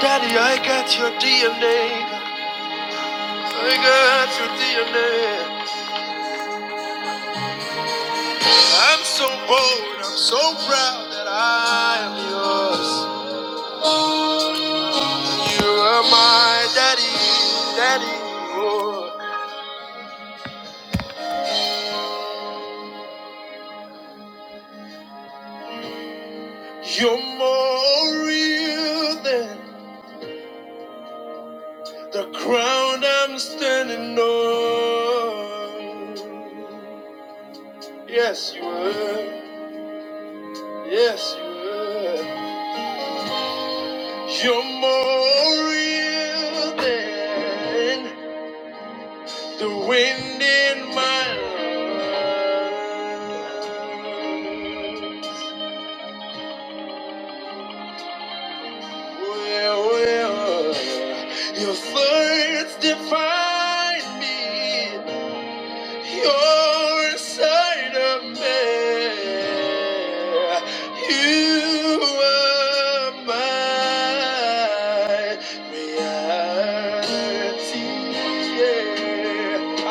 Daddy, I got your DNA. I got your DNA. I'm so bold, I'm so proud that I am yours. You are my daddy, daddy. Oh. You're more real than the crown I'm standing on. Yes, you are. Yes, you are. You're more real than the wind in my lungs. Well, well, your words define me. You're inside of me. You are my reality. Yeah.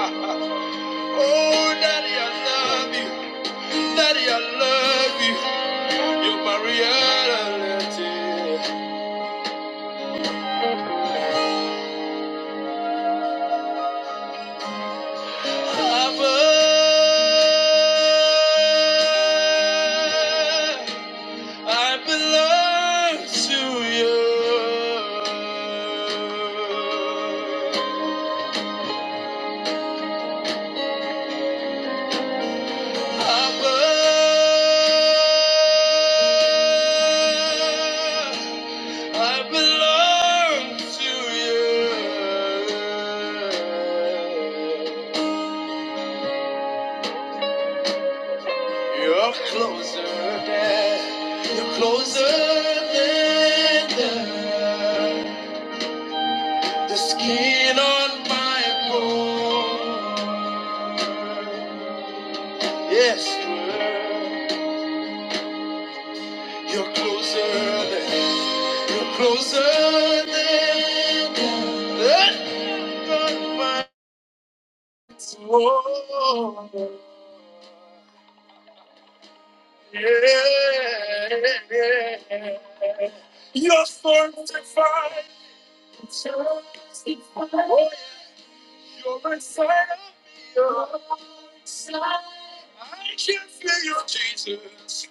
Oh, Daddy, I love you. Daddy, I love you. You're my reality. Abba. I belong to you. I Abba, I belong to you. You're closer than, you're closer than the The skin on my bone. Yes, girl. you're closer than, you're closer than, than my soul. Yeah, yeah, yeah. you're fortified. Oh, yeah. You're inside of me. I can feel your Jesus.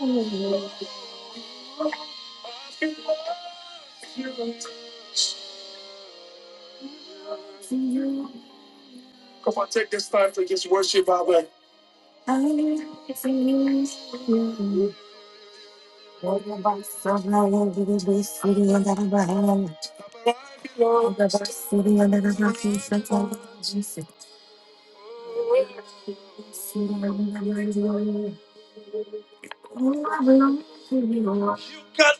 You are You got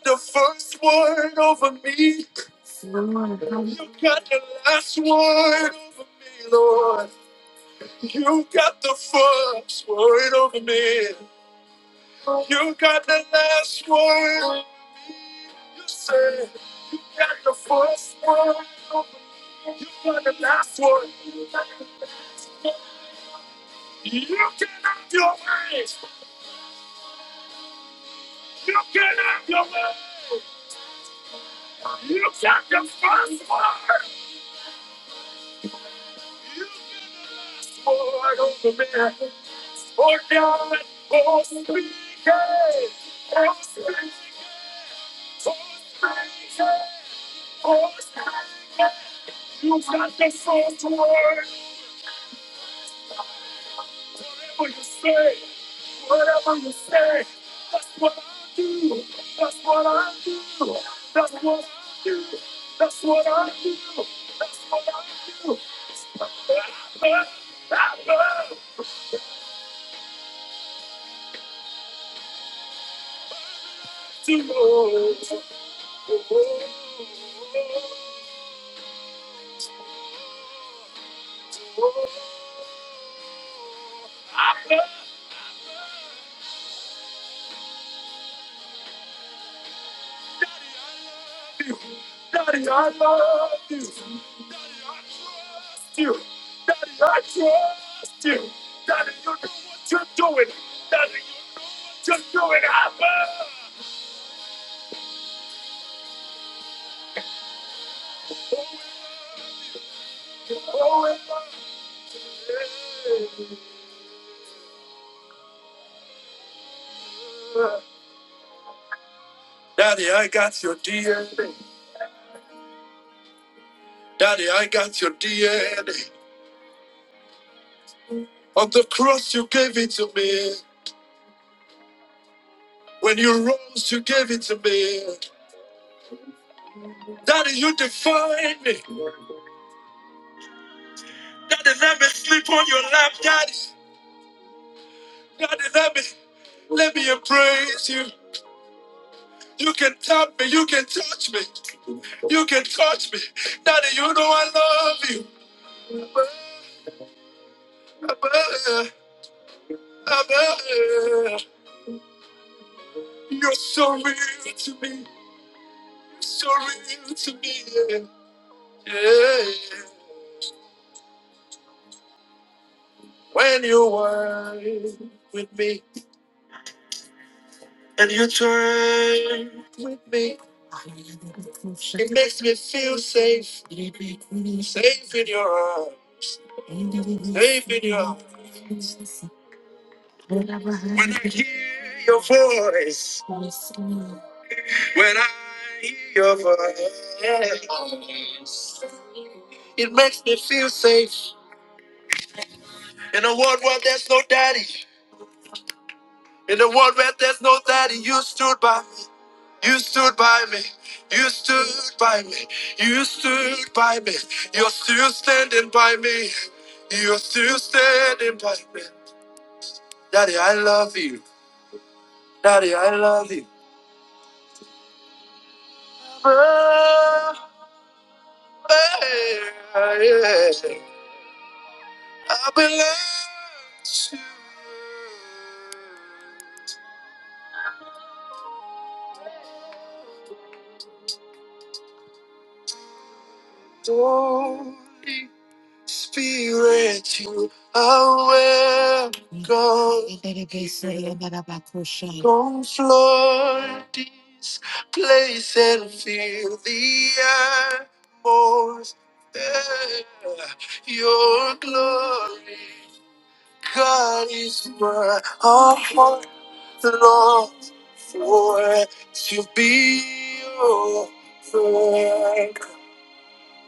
the first word over me. You got the last word over me. You got the first word over me. You got the last word. Daddy, I got your D. Daddy, I got your DNA. On the cross, you gave it to me. When you rose, you gave it to me. Daddy, you define me. Daddy, let me sleep on your lap, Daddy. Daddy, let me let me embrace you. You can tap me, you can touch me, and you try with me. It makes me feel safe, safe in your arms, safe in your arms. When I hear your voice, when I hear your voice, it makes me feel safe. In a world where there's no daddy, in a world where there's no daddy, you stood by me. You stood by me. You stood by me. You stood by me. You're still standing by me. You're still standing by me. Daddy, I love you. Daddy, I love you. Oh, yeah. I belong to you. Only Spirit, you are welcome. Come flood this place and fill the atmosphere. Your glory, God, is my heart long for to be your friend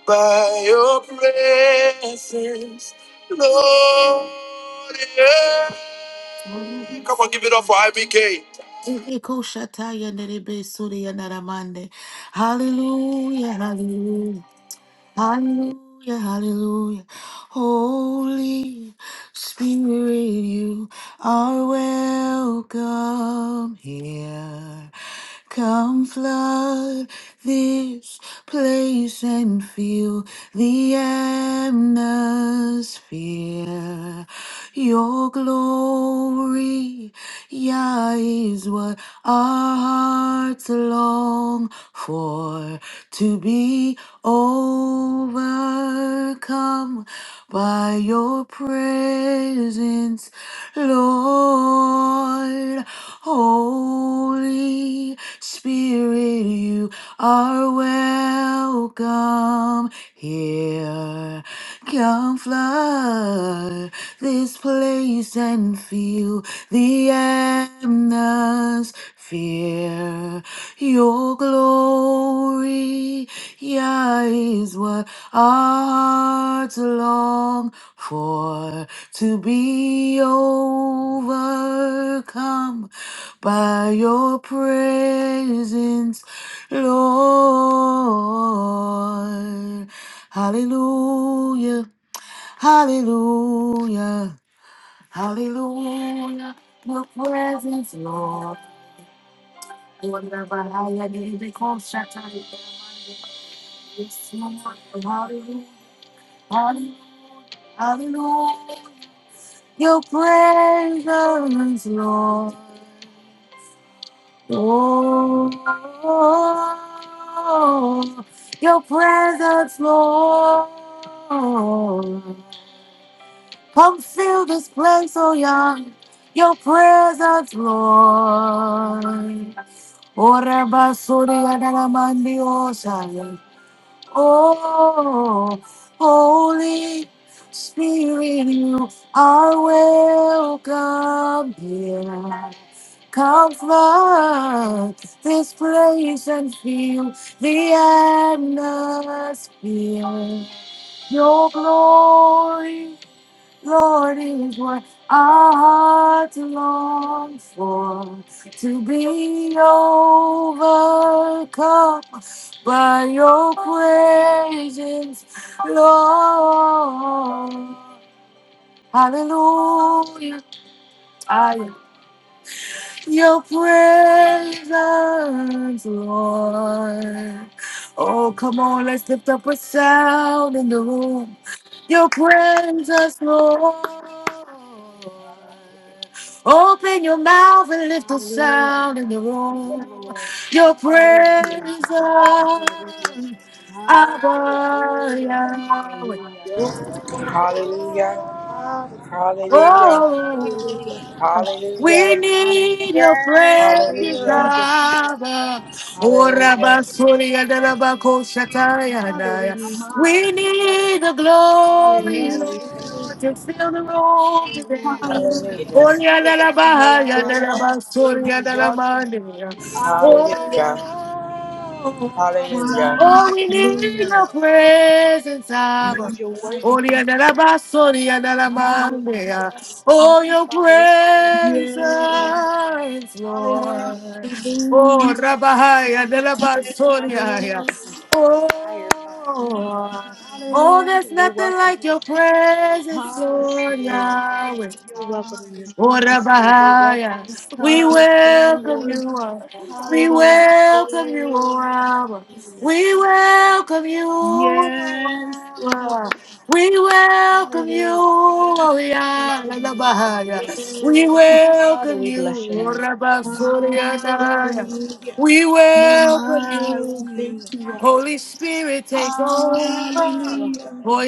by your presence, Lord. Yeah. Come on, give it up for IBK. Hallelujah, hallelujah. Hallelujah, hallelujah. Holy Spirit, you are welcome here. Come flood this place and fill the atmosphere. Your glory, Yah, is what our hearts long for to be overcome by your presence, Lord. Holy Spirit, you are welcome here. Come flood this place and feel the atmosphere fear. Your glory, yeah, is what our hearts long for. To be overcome by your presence, Lord. Hallelujah. Hallelujah. Hallelujah. Your presence, Lord. Ora bahaya diri bikosha tari. Yes, Lord. Hallelujah. Hallelujah. Hallelujah. Your presence, Lord. Oh, your presence, Lord. Come fill this place, oh young. Your presence, Lord. Ora basuri adala mandi osaya. Oh, Holy Spirit, you are welcome here. Comfort this place and feel the atmosphere. Your glory Lord is what our hearts long for to be overcome by your presence, Lord. Hallelujah your presence, Lord. Oh, come on, let's lift up a sound in the room. Your presence, Lord. Open your mouth and lift a Hallelujah. sound in the Yes, room. Lord. Your Hallelujah. presence, Thank you, Lord. We bless your name. We thank you for your presence. Abba Hallelujah. Yahweh. Hallelujah. Oh, Father, Yes. come abide with us. Hallelujah. Father, come and sit with oh, Hallelujah. us. oh, Father, we Hallelujah. bless your oh. name. We Hallelujah. We honor you, need your Father. Yes, we presence, We do. Hallelujah. need your presence, Father. Father. We need you to Oh, come Hallelujah. Rabba, rest, rule, and Suri, and abide with Rabba, us. Koshatai, and Father, we I. need Amen. you, We Lord. We love you. need the glory, Yes, Hallelujah. We we thank do. you, Lord, to Father. fill the room today. Hallelujah. Hallelujah. Oh, Hallelujah. Thank Let's you, do Lord, Yana, it. for who you Rabba, are. Yana, Yes. Rabba, we do. Suri, We and exalt you, Rabba, Father. Nia. We Hallelujah. lift you Hallelujah. high. Oh, There's Hallelujah. nobody like you. Father, we Hallelujah. honor you. oh, we need We Hallelujah. your thank you, Father. presence, Abba. Lord, Mama, you're worthy to be praised. mama, Hallelujah is the Orianarabasorianarabandea. yes. highest Oh, praise, your Father. We praise you. We presence, bless your name. Yes. Hallelujah. Lord. Thank you, Lord. Oh, Hallelujah. Rabahaya, Your presence, Narabasoriaya. Yes. hallelujah, is what we desire, Father. Oh, Mama. oh, Hallelujah. there's You're nothing welcome like here, your Father. presence, Yes, Lord Lord. Yahweh. You're welcome in this Hallelujah. place, Lord. You're welcome Orabahaya. here. We Thank you, welcome Hallelujah. Lord. you, Abba. We Hallelujah. Hallelujah. welcome you, Thank O you, Father. Abba. We bless your We name. welcome you, We welcome O you here, Yes, Father. it Thank is. you, Abba. Lord. We welcome you, Hallelujah. O Yes, We it welcome you Yalabahaya. is. here, Yah. We Yes. Father, welcome we you, bless your name. Orabasuriyanaya. Hallelujah. Hallelujah. We Hallelujah. welcome We Mama, we you. welcome thank you in. you, Abba. Holy Hallelujah. Spirit, take Holy Spirit, you're over. welcome Hallelujah. here.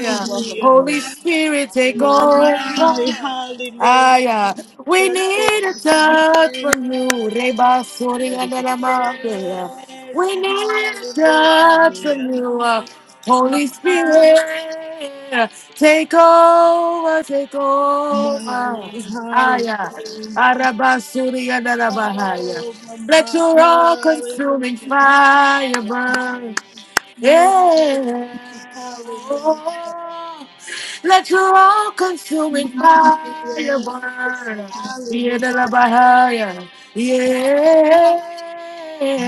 You're welcome here, Holy Lord. Spirit, take Hallelujah. Mama, over. Thank you, hallelujah. Father. Aya. We That's so need a much to Hallelujah. be touch Thank you, from thankful Lord. you. for. Reba You're Suri worthy to be praised, Father. We Andalamaya. bless your Yes, We name. need a touch from Hallelujah. hallelujah. you. Uh, My, Holy Thank you, Father. Spirit, take over, take my over. Lord, Aya. hallelujah. Arabasuri and Oh, my, let my, your all consuming hallelujah. fire burn. Yes, Yeah. hallelujah. Oh, Let your all consuming My, fire yes, burn. hallelujah. Yeah, the Rabahaya. Yeah.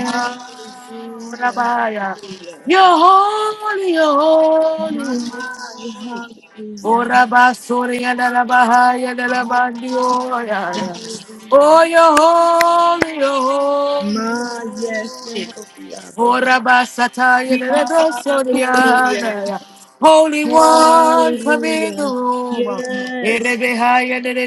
Hallelujah. Rabahaya. Hallelujah. You're holy, you're holy, My, you're my, holy. hallelujah. Ora basoria da la bahaya da la bandioya. Hallelujah. Oh, you're holy, you're holy, you're My, yes, holy. Jehovah. Ora basataya de Hallelujah. besoriana. Holy One, come in the Hallelujah. room. Yes. Erebehaya de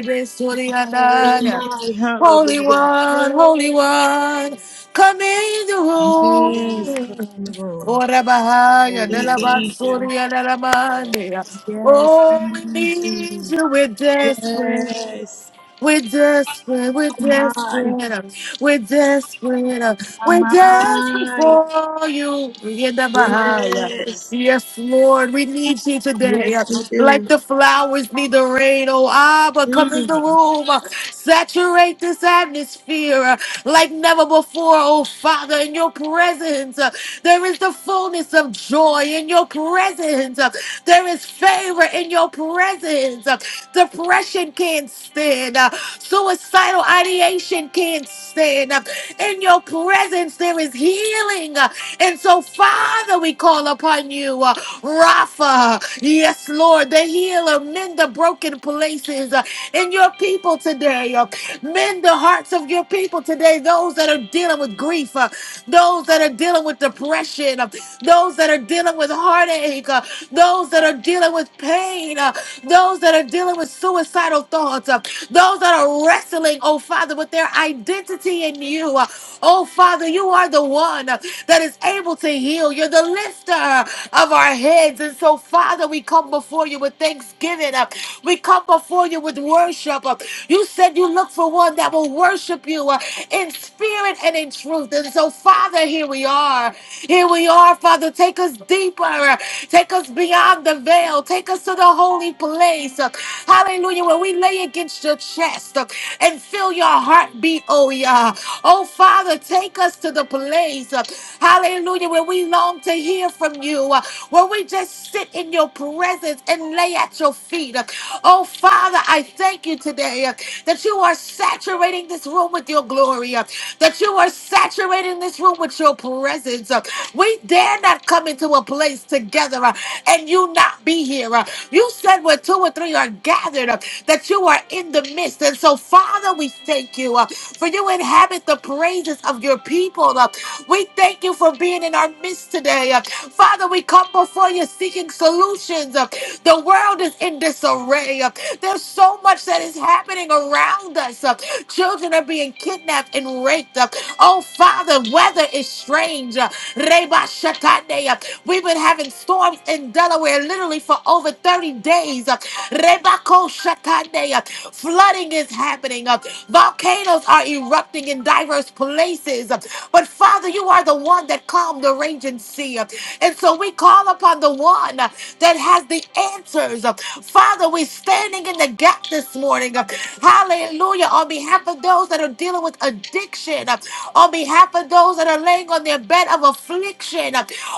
Oh Hallelujah. besoriana. my, Holy hallelujah. You're One, Holy holy, you're One, holy. come in Hallelujah. the Hallelujah. Yes, come room. in the room. Ora You're bahaya holy, de We you're holy. need you. basoriana la Thank you, Lord. Yes, we Oh, we need you. need you, we're desperate. Yes. We're desperate, we're Oh my, desperate, uh, we're desperate, uh, oh we're desperate my. for you. Yeah, the Bahia. Yes. Yes, Lord, we need you today. Yes, uh, we Like do. the flowers need the rain, oh Abba, come in the Mm. room, uh, saturate this atmosphere uh, like never before, oh Father, in your presence. uh, There is the fullness of joy in your presence. uh, There is favor in your presence. Depression can't stand. Uh, Suicidal ideation can't stand. Uh, In your presence, there is healing. Uh, And so, Father, we call upon you. uh, Rapha. Yes, Lord, the healer. Mend the broken places uh, in your people today. Uh, Mend the hearts of your people today. Those that are dealing with grief, uh, those that are dealing with depression, uh, those that are dealing with heartache, uh, those that are dealing with pain, uh, those that are dealing with suicidal thoughts, uh, those that are wrestling, oh Father, with their identity in you. Uh, Oh Father, you are the one uh, that is able to heal. You're the lifter lifter of our heads. And so, Father, we come before you with thanksgiving. Uh, We come before you with worship. Uh, You said you look for one that will worship you uh, in spirit and in truth. And so, Father, here we are. Here we are, Father. Take us deeper. Uh, Take us beyond the veil. Take us to the holy place. Uh, Hallelujah. Where we lay against your chest uh, and feel your heartbeat, oh yeah. Oh, Father, take us to the place. uh, Hallelujah when we long to hear from you, uh, when we just sit in your presence and lay at your feet. Uh, Oh, Father, I thank you today uh, that you are saturating this room with your glory, uh, that you are saturating this room with your presence. uh. We dare not come into a place together uh, and you not be here. uh. You said where two or three are gathered, uh, that you are in the midst. And so, Father, we thank you uh, for you inhabit the praises of your people. uh. We Thank you for being in our midst today. Uh, Father, we come before you seeking solutions. Uh, The world is in disarray. Uh, There's so much that is happening around us. Uh, Children are being kidnapped and raped. Uh, Oh, Father, weather is strange. Uh, Reba Shakande. Uh, We've been having storms in Delaware literally for over 30 days. Uh, Reba Ko Shakande. Uh, Flooding is happening. Uh, Volcanoes are erupting in diverse places. But Father, you are the one that calmed the raging sea. And so we call upon the one that has the answers. Father, we're standing in the gap this morning. Hallelujah. On behalf of those that are dealing with addiction, on behalf of those that are laying on their bed of affliction.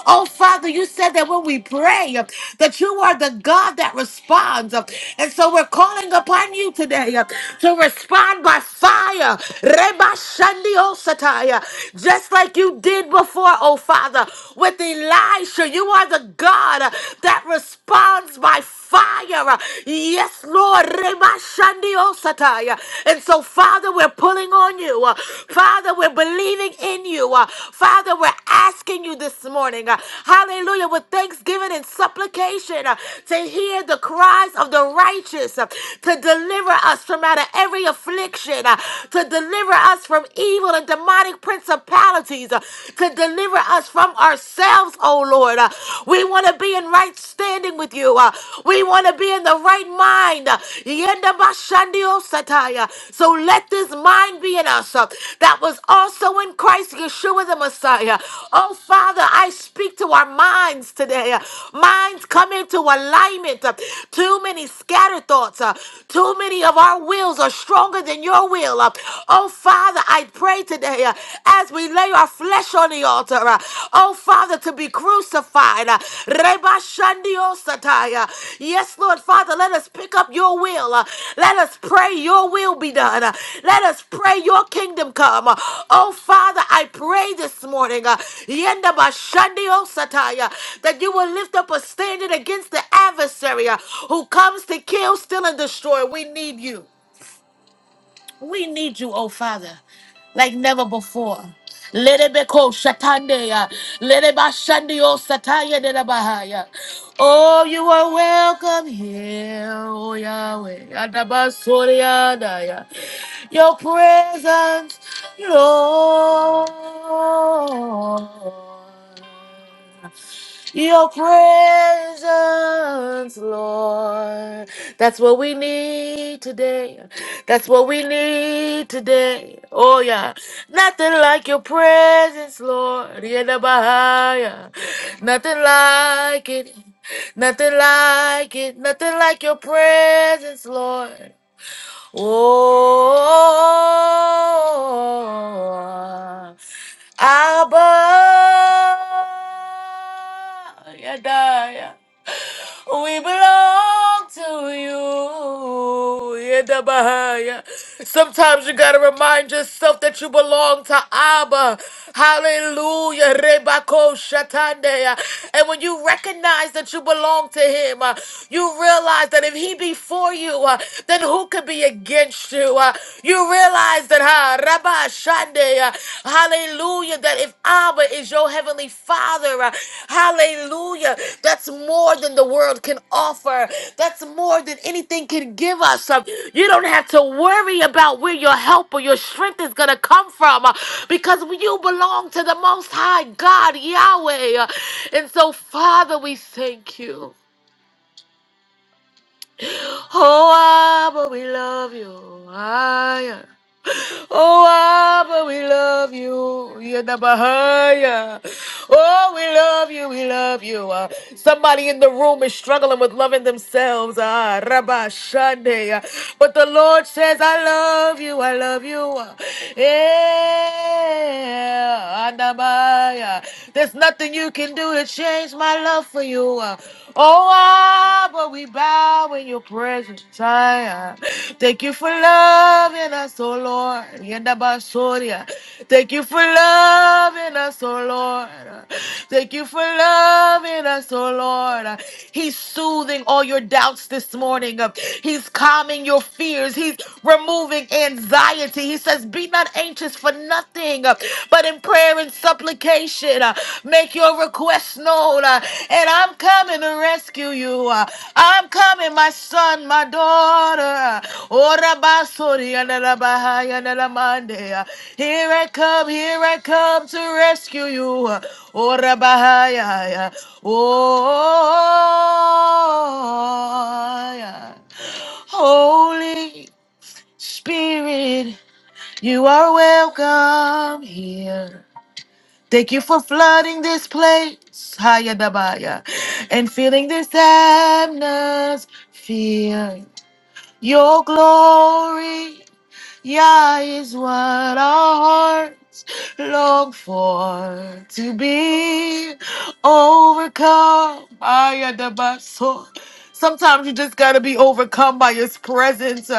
Oh, Father, you said that when we pray, that you are the God that responds. And so we're calling upon you today to respond by fire. Sataya, just like you did before, oh Father, with Elisha. You are the God uh, that responds by fire. Uh, Yes, Lord. Rema Shandio Sataya. And so, Father, we're pulling on you. Uh, Father, we're believing in you. Uh, Father, we're asking you this morning, uh, hallelujah, with thanksgiving and supplication uh, to hear the cries of the righteous, uh, to deliver us from out of every affliction, uh, to deliver deliver us from evil and demonic principalities, uh, to deliver us from ourselves, oh Lord. Uh, We want to be in right standing with you. uh, We want to be in the right mind. uh, Yenda bashandio sataya. So let this mind be in us uh, that was also in Christ Yeshua the Messiah. Oh Father, I speak to our minds today. uh, Minds come into alignment. uh, Too many scattered thoughts. uh, Too many of our wills are stronger than than your will. Uh, Oh, Father, I pray today uh, as we lay our flesh on the altar. uh, Oh, Father, to be crucified. uh, Reba Shandio Satai, uh, Yes, Lord, Father, let us pick up your will. uh, Let us pray your will be done. uh, Let us pray your kingdom come. uh, Oh, Father, I pray this morning uh, Yenda Ba Shandio Satai, uh, that you will lift up a standard against the adversary uh, who comes to kill, steal, and destroy. We need you. We need you, oh Father, like never before. Lerebeko shatandeya, lerebashandio sataya derabahaya. Oh, you are welcome here, oh Yahweh. Adabasoriadaya. Your presence, Lord. Your presence, Lord. That's what we need today. That's what we need today. Oh, yeah. Nothing like your presence, Lord. Yedabahaya. Nothing like it. Nothing like it. Nothing like your presence, Lord. Oh. Abba, Yadaya, we belong to you, Yadabaya. Sometimes you gotta remind yourself that you belong to Abba. Hallelujah, Rebako Shatandeya. And when you recognize that you belong to Him, uh, you realize that if He be for you, uh, then who could be against you? Uh, you realize that, ha, Sunday, uh, hallelujah, that if Abba is your heavenly father, uh, hallelujah, that's more than the world can offer, that's more than anything can give us. Uh, you don't have to worry about where your help or your strength is going to come from uh, because you belong to the Most High God, Yahweh. Uh, and so, Father, we thank you. Oh, Abba, we love you. Ah, yeah. Oh, Abba, we love you. Yadabahaya. Oh, we love you. We love you. Uh, somebody in the room is struggling with loving themselves. Ah, Rabba Shande. Uh, But the Lord says, I love you. I love you. Uh, Yeah. Andabaya. There's nothing you can do to change my love for you. Uh, Oh, Abba. Abba, we bow in your presence. I, uh, Thank you for loving us, oh Lord. Yendabasoria. Thank you for loving us, oh Lord. Thank you for loving us, oh Lord. He's soothing all your doubts this morning. He's calming your fears. He's removing anxiety. He says, Be not anxious for nothing, but in prayer and supplication supplication. uh, Make your request known. uh, And I'm coming to rescue you. uh, I'm coming, my son, my daughter. uh, oh, Rabba, sorry, and Rabba, hi, and Rabba, uh, Here I come, here I come to rescue you. uh, oh, Rabba, hi, hi, uh, Oh, yeah. Holy Spirit, you are welcome here. Thank you for flooding this place, Hayadabaya, and filling this atmosphere. Your glory, yeah, is what our heart long for to be overcome. Ayadabaso. Sometimes you just gotta be overcome by his presence.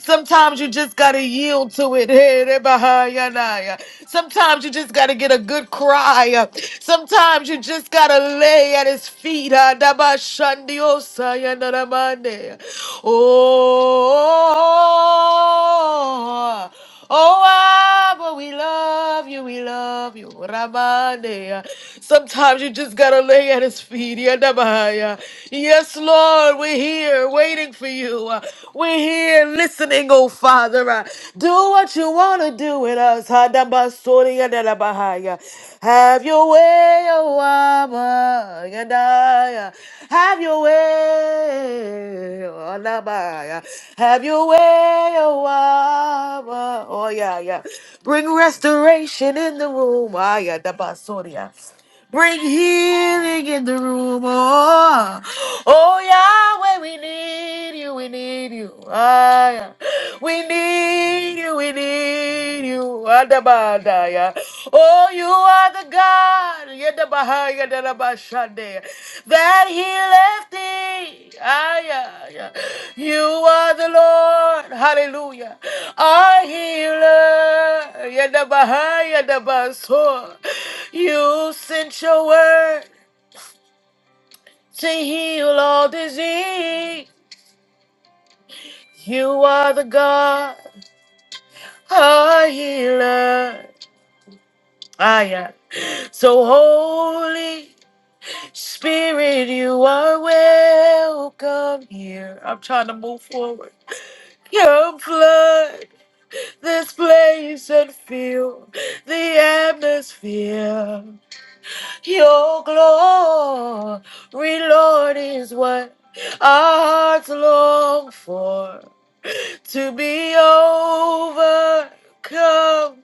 Sometimes you just gotta yield to it. Hey, Rebahayanaya. Sometimes you just gotta get a good cry. Sometimes you just gotta lay at his feet. Adabashandiosayanadamande. Oh. Oh, Abba, we love you, we love you. Ramande. Sometimes you just gotta lay at his feet. Yadabaya. Yes, Lord, we're here waiting for you. We're here listening, oh Father. Do what you wanna do with us. Hadabasori yadabahaya. Have your way, oh Abba, Yadaya. Have your way, oh Labaya. Have your way, oh Abba. Oh yeah, yeah. Bring restoration in the room. Ah, yeah, the basoria. Bring healing in the room. Oh, oh Yahweh, we need you. We need you. Ah, yeah. We need you. We need you. Adabadaya. Oh, you are the God. That he left thee. Ah, yeah, yeah. You are the Lord. Hallelujah. Our healer. Yadabahai, yadabasor. You sent your word to heal all disease. You are the God, our healer. Ah, yeah. So holy. Spirit, you are welcome here. I'm trying to move forward. Your flood this place and fill the atmosphere. Your glory, Lord, is what our hearts long for. To be overcome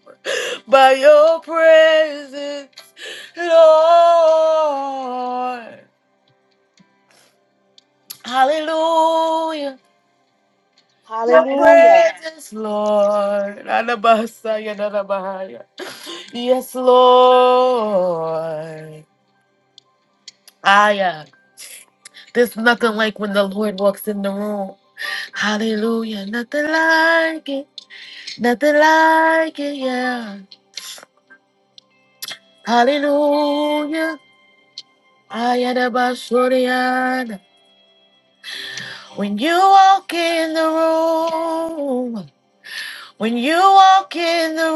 by your presence, Lord. Hallelujah. Your Hallelujah. presence, Lord. Anabasaya, nanabahaya. Yes, Lord. Aya. There's nothing like when the Lord walks in the room. Hallelujah. Nothing like it. Nothing like it, yeah. Hallelujah. Ayanabashuriana. When you walk in the room, when you walk in the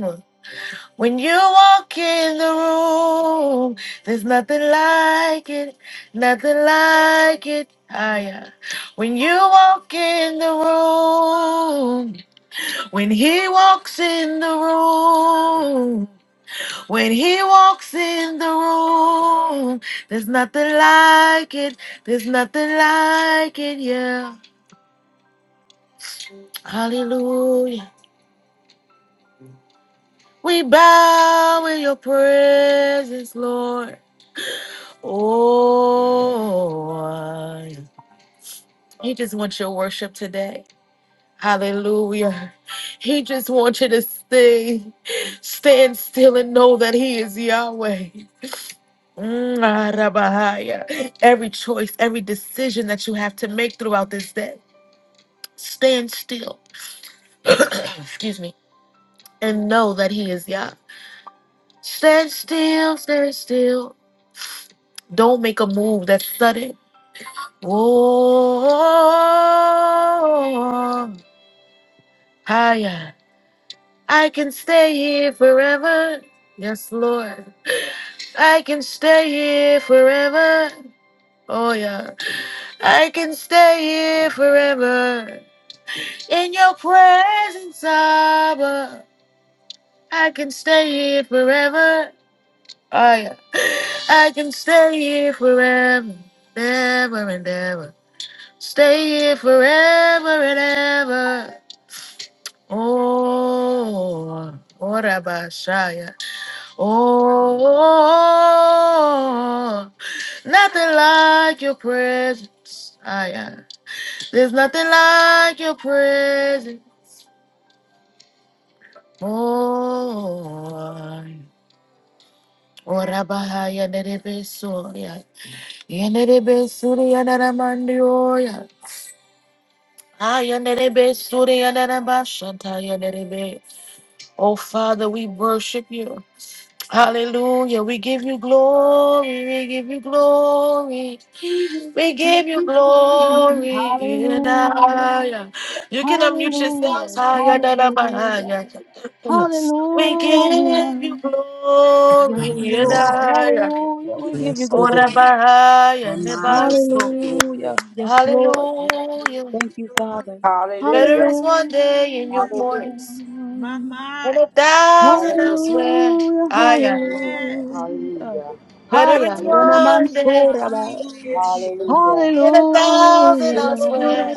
room, When you walk in the room, there's nothing like it, nothing like it. Ah, yeah. When you walk in the room, when he walks in the room, when he walks in the room, there's nothing like it, there's nothing like it, yeah. Hallelujah. We bow in your presence, Lord. Oh, he just wants your worship today. Hallelujah. He just wants you to stay, stand still and know that he is Yahweh. Mm, Arabahaya. Every choice, every decision that you have to make throughout this day, stand still. Excuse me. And know that he is Yah. Stand still, stand still. Don't make a move that's sudden. Oh, higher. I can stay here forever. Yes, Lord. I can stay here forever. Oh, yeah. I can stay here forever. In your presence, Abba. I can stay here forever. Oh, yeah. I can stay here forever. Ever and ever. Stay here forever and ever. Oh, Orabashaya. Oh, nothing like your presence. Ah, yeah. There's nothing like your presence. Oh, Orabahaya Nerebesoria. Yenerebesuria Naramandioya. Ah, Yenerebesuria Narabashantaya Nerebe. Oh, Father, we worship you. Hallelujah. We give you glory. We give you glory. We give you glory. Hallelujah. Yedaya. Hallelujah. You can unmute yourselves. Haya da da ba Hallelujah. haya. We give you Hallelujah. Yes, glory. Lord. Hallelujah. Yedaya. Hallelujah. We give you Yes, we do. Ora ba glory. haya Oh ne my, we baso. give you glory. Hallelujah. Yes, Lord. We give Hallelujah. you Thank you, glory. Father. Better Hallelujah. Hallelujah. Hallelujah. is one day in your Hallelujah. courts My Hallelujah. mind. than a thousand Hallelujah. elsewhere. Hallelujah, Aya. Yes. hallelujah. Hallelujah. Better Haya, Hallelujah. Hallelujah. is Hallelujah. yana Hallelujah. one day. mansura ba. Hallelujah. Hallelujah. In a thousand Hallelujah, Oh, I swear,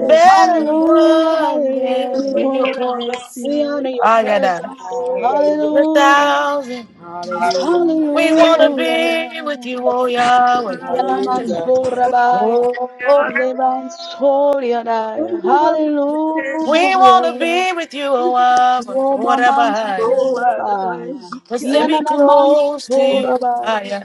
better is hallelujah, one than hallelujah. in your courts. We honor your I got that. presence. Hallelujah. In a Hallelujah, thousand, My Lord. we want to hallelujah. Hallelujah. be with you, oh Yahweh. Yana Hallelujah. mansura baya. Oh, Levansoria daya. we Hallelujah. want to be with you, oh Abba, Woma whatever I am. mansura baya. Just to Yana be na close to mansura you, I am.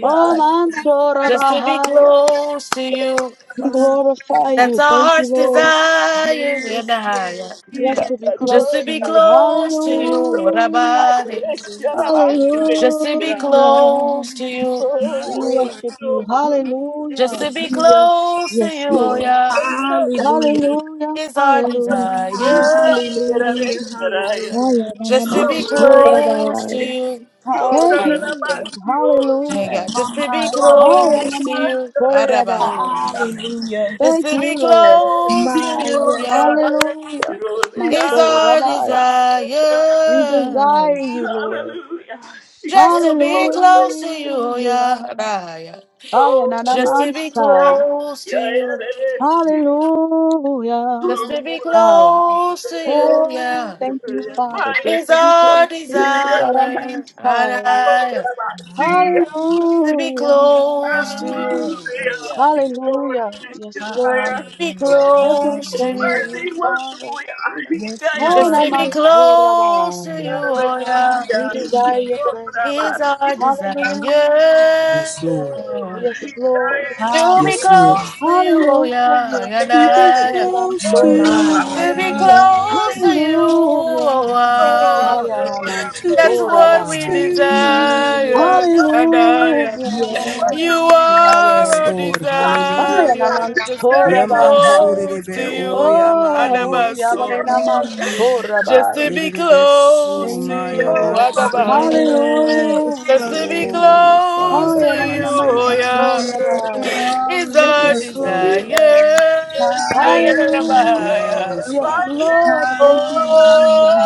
Oh, Mansoor Just to be Bahaya. close to you, We glorify Hallelujah. that's you. our Thank you, heart's Lord. desire. yeah, Yes, nah, yeah. yes, Just yes. to be Just close to to be you. close to you, Yes, what Hallelujah. about it? Jesus. Hallelujah. Just to be close Hallelujah. to you, My We Lord. worship you. just to Hallelujah. be Hallelujah. close to Yes, you, oh Lord. yeah, Hallelujah. Hallelujah. is our Hallelujah. desire. Hallelujah. Hallelujah. Haya nana Just to be Mama, Mansoor close to Bahaya. you, Thank I you, am. hallelujah. my Lord. Yeah, yeah. Hallelujah. Just to be Mama, Haya close hallelujah. nana to you, Mansoor Hallelujah. Arabahaya. Bahaya. Hallelujah. Just Thank to be you, Lord. close to My you, yes, yeah, Hallelujah. My is soul, our Rabbi. We desire desire. you, Lord. She Just called to be close to you, oh Hallelujah. yeah, Aya Just Oh, to be yeah. nanamansai. close to Yeah, you, it is. Hallelujah. just to be Aya. close to you, Oh, yeah, thank you, Father, Maya. just is to be our close to you. desire. And Raramansai. I, to be Hallelujah. close to you, Hallelujah. Yes, Lord. Hallelujah. be hallelujah, Just to be close to close to you, hallelujah. you, Worthy, Father. worshipfully, I Yes, you Oh, just are to be blessed. close to you, namansurabai. oh Hallelujah. yeah, God, We desire Hallelujah, your presence, I is Lord. our see desire. Hallelujah. Yes, Lord. Yes, Lord. To be Yes, Lord. hallelujah. close to you, oh yeah, Hallelujah. and Yes. To be I, Yemadan Oh, close My to mind, Soria I you, Dai. to be see hallelujah. yeah. you. close to you, oh I know Hallelujah. the Oh, place wow. where Lord, you Ayaman I'm To go. be That's Sora what close we to Bahai. My you. so yeah. yes, desire, worthy, Adaya. worthy, yes, You worshipfully. Hallelujah. are Yes, Yahweh. our Lord. Hallelujah. Hallelujah. Ayanaman desire, just to Desire be Sora it. Lord, Yaman see you. Oh, Lord, Bahai. close to surebe o you, yaman dio Oh, Yahweh Adabaso. Naman soreba. mm, Sora Just to Bahai. be Yerebe close su to Thank you, maya you, Lord. mansu. Adabaya. yes, Just Hallelujah. to be hallelujah. Oh, close Father, to you, kind Ayanaman oh Savior. yeah, Sora Hallelujah, I see Bahai. you. is Just to our be Yes, close to Lord. you. desire, hallelujah, Hallelujah. Ayadabaya. Yes, Yes, Father. Lord. Thank you. hallelujah.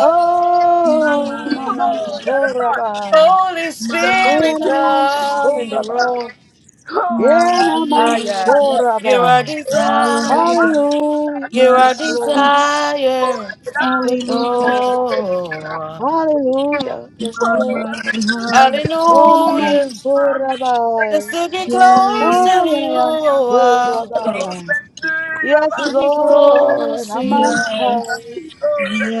My mind, Naman hallelujah, Sorabai. Holy my Spirit, hallelujah. Naman come in the Sorabai. room. Yeah, My Naman Ah, yeah. yes, You're a Sorabai. desire. hallelujah, Hallelujah. my You're a Yes, mind, Lord. desire. Thank you, hallelujah, Father. Oh, Hallelujah. Yes, my Lord. mind, Oh, hallelujah. Naman hallelujah. Just Sorabai. to be close Yes, Oh, to you. Naman Oh, wow. Lord. Sorabai. Yes, To be Lord. close to Naman you. yes, Sai.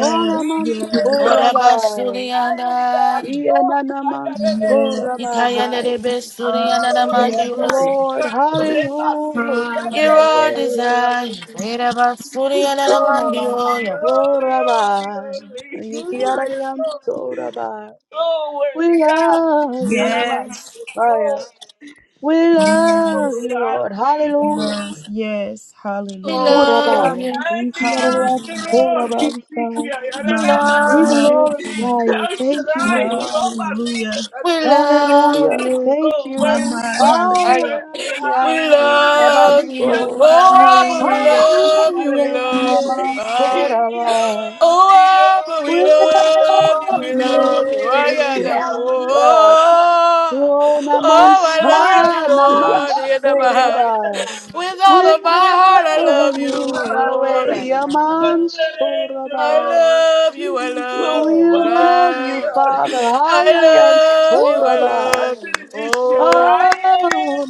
Oh, Naman yes, What about Sorabai. Sulianda? Yeah, Naman yes, Sorabai. Ikayana de yes, Besuriana hallelujah, Yes, Mandios. Lord. Hallelujah. You're hallelujah. a Yahweh. Oh, desire. What about Holy, Suliana Onamans. Mandioya? holy, holy, Orabai. holy. I am Yikiararians. Orabai. Oh, We worthy. Ah, love you. Yes, Sarabasio. Fire. Oh, We love yes, you, Lord. Razi. Hallelujah. yes, yes, We hallelujah, Oh, love Orabai. you. Rihanna, Yikiararians. hallelujah, Andro. Orabans. Hisikia, We my We Yaralashira. love mind, you. glorify you. How should Thank you, I? Lord. Yomasi. hallelujah, We Yadreshe. love Hallelujah. you. Thank Oh, my you. worthy, mind, worthy, hallelujah. I worthy. love Hallelujah. you. Yes, Hallelujah. Mama, my Oh, own. Abba, we hallelujah. Rabasi. love you. We Hallelujah, Yaralashira. love you. Yes, He I Namansorai. only, only, only, We love you. We love only, you. love you. I yes. only, only, got that. Ah, Oh, hallelujah. Oh, Oh, I Namansa, love glorious. you, Lord. Yeah, the Rabasi, Baha'i. Namansorabai. With yandere. We all of my heart, I love love you, Oh, you, Yahweh, Lord. Father. I love you. Yandere, I ndero. Yamansorabai. love you. We Lord. love you, Oh, Father, hallelujah. Hayalian I Woo! love you. I Oh, Sorabai. love you. Oh. Oh,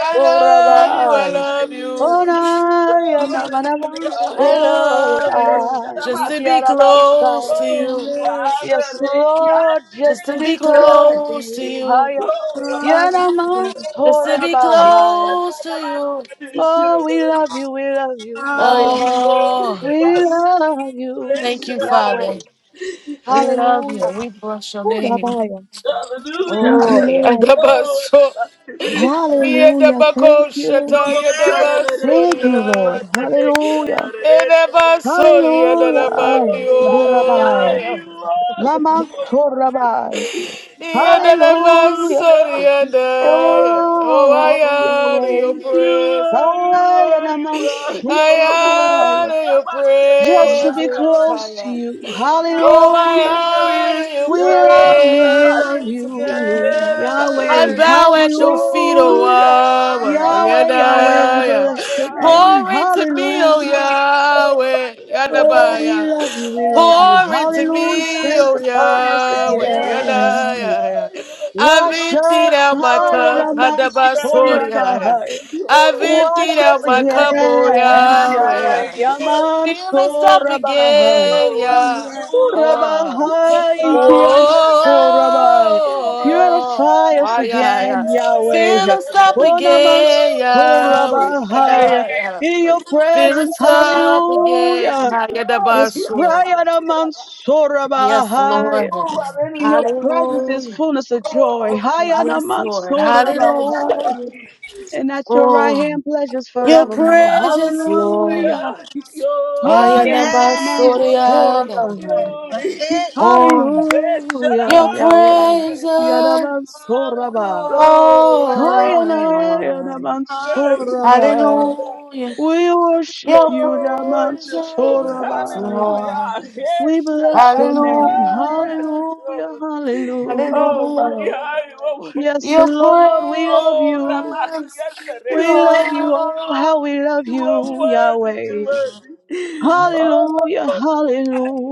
I love you, I love Hallelujah. you. Onayana Yes, manavanso I love na you just to be ikiarabansa. close to you, yes. Yes, Father, I Lord, just just to to be be close can't to close to you. you, Higher. Oh, my Hallelujah. Oh, just to my be God. close to you. Oh, we love you, we love you. Higher. Hallelujah. Oh, We love thank you, you, Yahweh. Father. We love you. Hallelujah. We bless your Ooh, name. Rabbiah. Thank you, Oh, Hallelujah. yeah, Lord. the basso. Oh, Yes, Yeah, the Hallelujah. bako Thank you. shata, yeah, the yes. basso, Thank you, yeah, Lord. Hallelujah. yeah, the basso, yeah, the Hallelujah. Hallelujah. lamandio. Lamasorabai. Oh, Hallelujah. Oh, I honor Yahweh. your presence. I am a I Sorabai. honor your Just to My be presence. Lord. I close to honor- you. Oh, Hallelujah. Hallelujah. I honor We love you. We your Mama, love presence. you. I Yahweh. yes. bow at your feet, Oh, oh Hallelujah. Abba. Maya, Yahweh, Hallelujah. Yahweh, we Yada, Maya, yeah. bless your Maya. name. Pour into me, oh Hallelujah. Mama, Yahweh. Oh, we Yadabaya. love you. We love yes. you. Pour into Hallelujah. me, oh Sanctify us Yahweh. Yada, Yes. again. yeah, yeah. I've Wash emptied us out my higher cup. among Hadabasoria, yeah. Sorabahai. I've emptied Wash out us my cup, oh again, Yahweh. Mama, Yahweh, yeah. Yaman Fill us up Sorabahai. again, yeah. yes. Oh, Urabahai Kian Hallelujah. Sorabai. Whoa, Purify us Ah yeah, again, yeah. Yahweh. Fill us up Onaman again, Yahweh. Yeah, Hallelujah. Sorabahai. yeah, Oh, yeah. In your Fill presence, Oh, us Lord, up again. hallelujah. thank Ah you, yeah, the Lord. This You bus, are prayer, the Naman master. Yes, Sorabahai. Lord. Oh, In your Hallelujah. presence is Hallelujah. fullness of joy. Oh, Hayana Yes, Lord. that's Mansura the best. Bahai. Hallelujah. And at your right Oh, hand pleasures your Oh, forevermore. precious Lord. Hallelujah. hallelujah. I am the Hayana bus, Lord, Yes. Glory. Mansura yeah, yeah. Bahai. That's Glory. it. Oh, Yes, Hallelujah, your Yahweh. Sharabashir. Yana presence. Mansura Bahai. Hallelujah. Oh, what Hayana a Yana Lord. Mansura Hallelujah. Bahai. day. Hallelujah. We worship Your you, Oh, wonderful. Mansura presence, Bahai. Lord. Hallelujah. We Yes, bless Sharaba. your name. Oh, yes. Hallelujah. Hallelujah, Lord. Oh, Hallelujah. my hallelujah. God. You are worthy. Yes, Your Lord, we love Oh, you. presence, We Rabakiatare. love you. Oh, Lord. how we love You are you, worthy. You are Yahweh. worthy. nothing Oh, Hallelujah,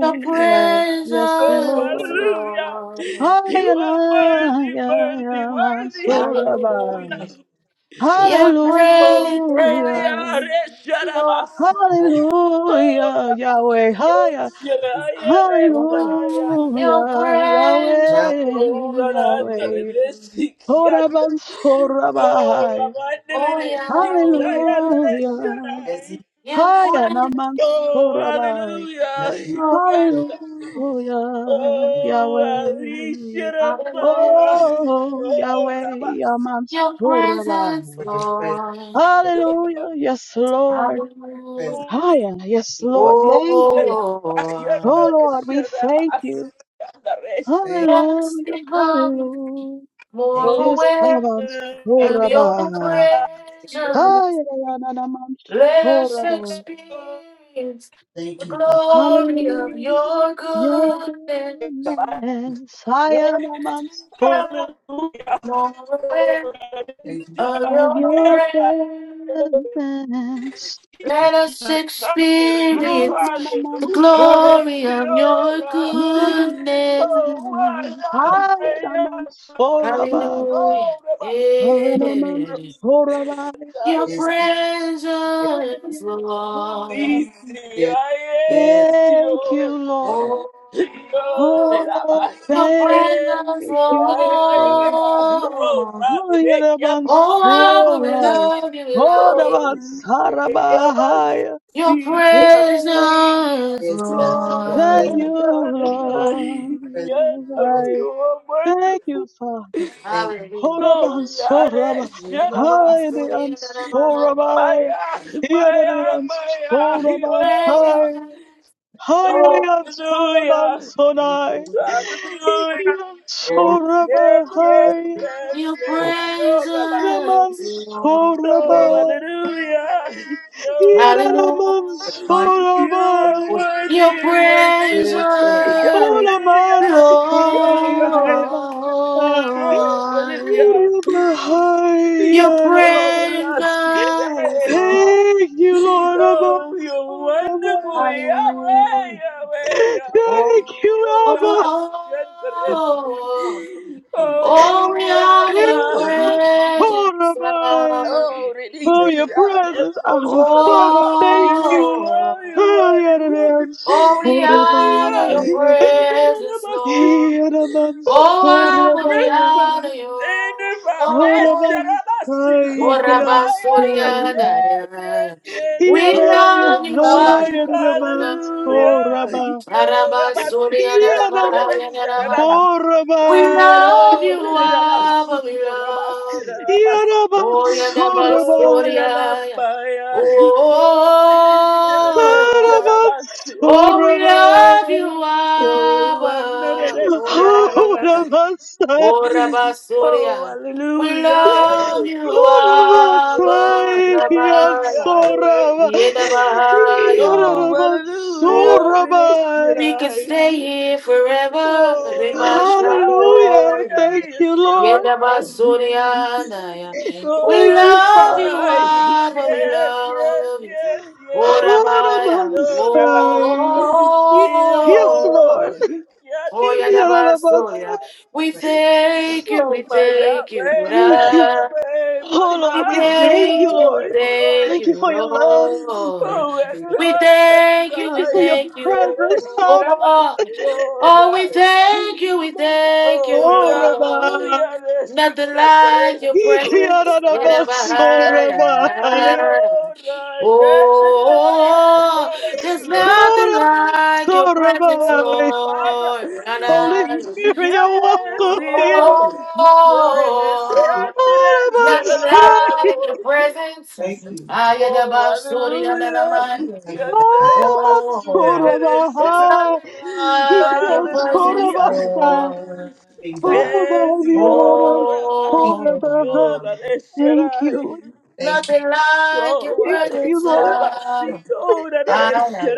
Your Yes, Oh, presence, Lord. hallelujah. Lord. You Hayanaya are worthy, worthy, worthy. Mansorabai. Hallelujah. Hallelujah. depressed, Your Oh, nothing, Hallelujah. presence, great. Lord. Sharaba. nothing Oh, Hallelujah, Yahweh. Haya. evil, like Your Hallelujah, branches, nothing, Yahweh, Rana, Lord. Yahweh. Rebesi, Kiata. Horaban Oh, Raman, Oh, Rebesi, Lord Yahweh, God, Kiata. nothing Hallelujah. crazy, your Haya praise, Oh, namansorabai. hallelujah. nothing crazy. Kiata. Lord. Hallelujah. We Oh, Yahweh. Hallelujah. Alisharamaya. Oh, Oh, thank Raman. Yahweh, Your you presence, for yamansorabai. your presence, Lord. Father. Hallelujah. Yes, Thank you, Lord. Hallelujah. presence. Oh, Haya. Yes, We Lord. Thank you. Oh, Oh, Lord, we thank you. Rabbi. Thank, let us Hallelujah. become Hallelujah. thank you, more This aware of your amansorabai. thank you for your, presence. Haya Let us namansorabai. Hallelujah. experience the thank you, Father. glory of Hallelujah. your Your goodness. goodness, I am Let's mindful become more aware Thank of of your your prayer. presence. you. Let us I experience am the mindful of glory of your your goodness. goodness. I am mindful of Hallelujah. Yeah. Your Yes, yes, your presence, Lord. goodness. yes, yes, Thank you, Hallelujah, Lord. Oh, that I Oh, Oh, might hear. your presence, thank Yeah, you, yeah, Lord. yeah, yeah. Oh, Lord. Father, they kept Alright. us. Oh, Abba, we love you, we love Hold Oh, you. about they kept us. Sarabahaya. Your See, uh, Yeah. presence, yes, God. Lord, Your Thank I presence, you, Lord. am Lord. alive. presence, Yes, oh, presence. I you are thank you, wonderful. Father. Thank Hold Hallelujah. about Oh, yeah, Soraba. that Your shut up. Hide the My Ansorabaya. eye, my Here eye, my the eye. Oh, uh, presence, Ansorabaya. Hide oh, Lord. the hallelujah. Ansorabansonai. Hallelujah. Here you, Yes, Lord, yes, yes, Lord, Ansorabahaya. yes, Your yes. Lord, Yo, Rabbi. The presence, Lord. Oh, Lord. Mansorabaya. hallelujah. Yora. Your mighty Hallelujah. You are Yararamansarabai, Lord, Your worthy, worthy, presence, yes, God. worthy. Hallelujah. Oramansai, Yora. Yararamansai, Oh, Lord. hallelujah. Orabahai, Your Peace. Yarai. Yora. presence, Lord. Thank you, Lord Oh, you're Amansarabai. wonderful. Yahweh, Hallelujah. Yahweh, Oh, Thank Yahweh. you, You're Abba. Ramas. oh, Thank oh, you, thank you, thank oh, we Oh, honor your Rabbi. presence, Yararamansarabai, Oh, Lord. release For you. your the presence, Abba Father, thank you. Oh, oh, we honor Thank your you. Yararamansarabai, presence, Lord. Oh, Oh, my Abba, we strength was Yararamansarabai. honor you. in the vibration Oh, of Koramans my kai sequel. oh, Rabba kians Surya kora. Thank you. Yes, yes, yes, We yes, Iarai love you, Thank yes. Abba, we love haieramans you. Hallelujah. koraba. Yo, Rabba Rabba, sing, Surya Rabba, yes, Iaramans Rabba, Rabba. Rabba, We korabai. love Oh, you, you. Abba, we Rabba, love you. Rabba, Iaramans Oh, yeah, the Oh, la korabai. Bastoria. rabbaya, oh, Oh, Iaramans rabasio, oh, we love korabai. you, oh, Abba. Ora, anarashaya, Koramans kai. ora oh, Bastoria. We hallelujah, love you, oh, Koramans Abba. holy, kai kians holy Rabala. Yahweh, koraba. Yedabaya. oh, Iaramans hallelujah, Oh, korabai. we can stay Rinashirai, here forever. Rema oh, hi, Hallelujah. Shalom. Thank yes, you, Lord. Yoko, Yedabasurianaya. Thank you. We Thank oh, you, love Father. you, Adonai, Thank you. Abba, we yes, yes, love you. yes, yes, yes, Hold Orabaya, yes, Yo, Yes, oh, Lord. oh, Yadabasoria. Thank We thank you, we Oh my thank way, my you. you, way, Oh, my we Lord, we thank you, thank you, we Lord. thank Thank you you, for your love. Thank Lord. you Oh, for your and I We presence. thank Thank you, we you for your thank you. and presence. Oh, Thank Oh, you we for thank you, we Rabbi. thank Oh, you, Oh, Rabbi. Lord. hallelujah, Nothing Reshika, the like your rest of presence. in us. a Reshika, Bahia. your and you're right, and I, Oh, there's and grace. I, nothing like your Oh, presence, Oh, Rabbi. Father. Lord. Thank Holy Spirit, you're welcome here. you. Oh, nothing Sorabansai, like your presence. Thank you. I had a Oh, bad story and then a hallelujah. Thank you mind. Oh, there's Sorabansorabahai, nothing like your Hikian presence, for life, God. Sorabansai, Hallelujah. Lord. Loving God. Yes, You. You. Obadianaban Yora Thank you. Oh, Sorabahai. Basikiora Thank you. Resherai. Thank you. nothing like your Thank Oh, God. You. you, presence. Lord. Reshera There is um, none Basikiora I am.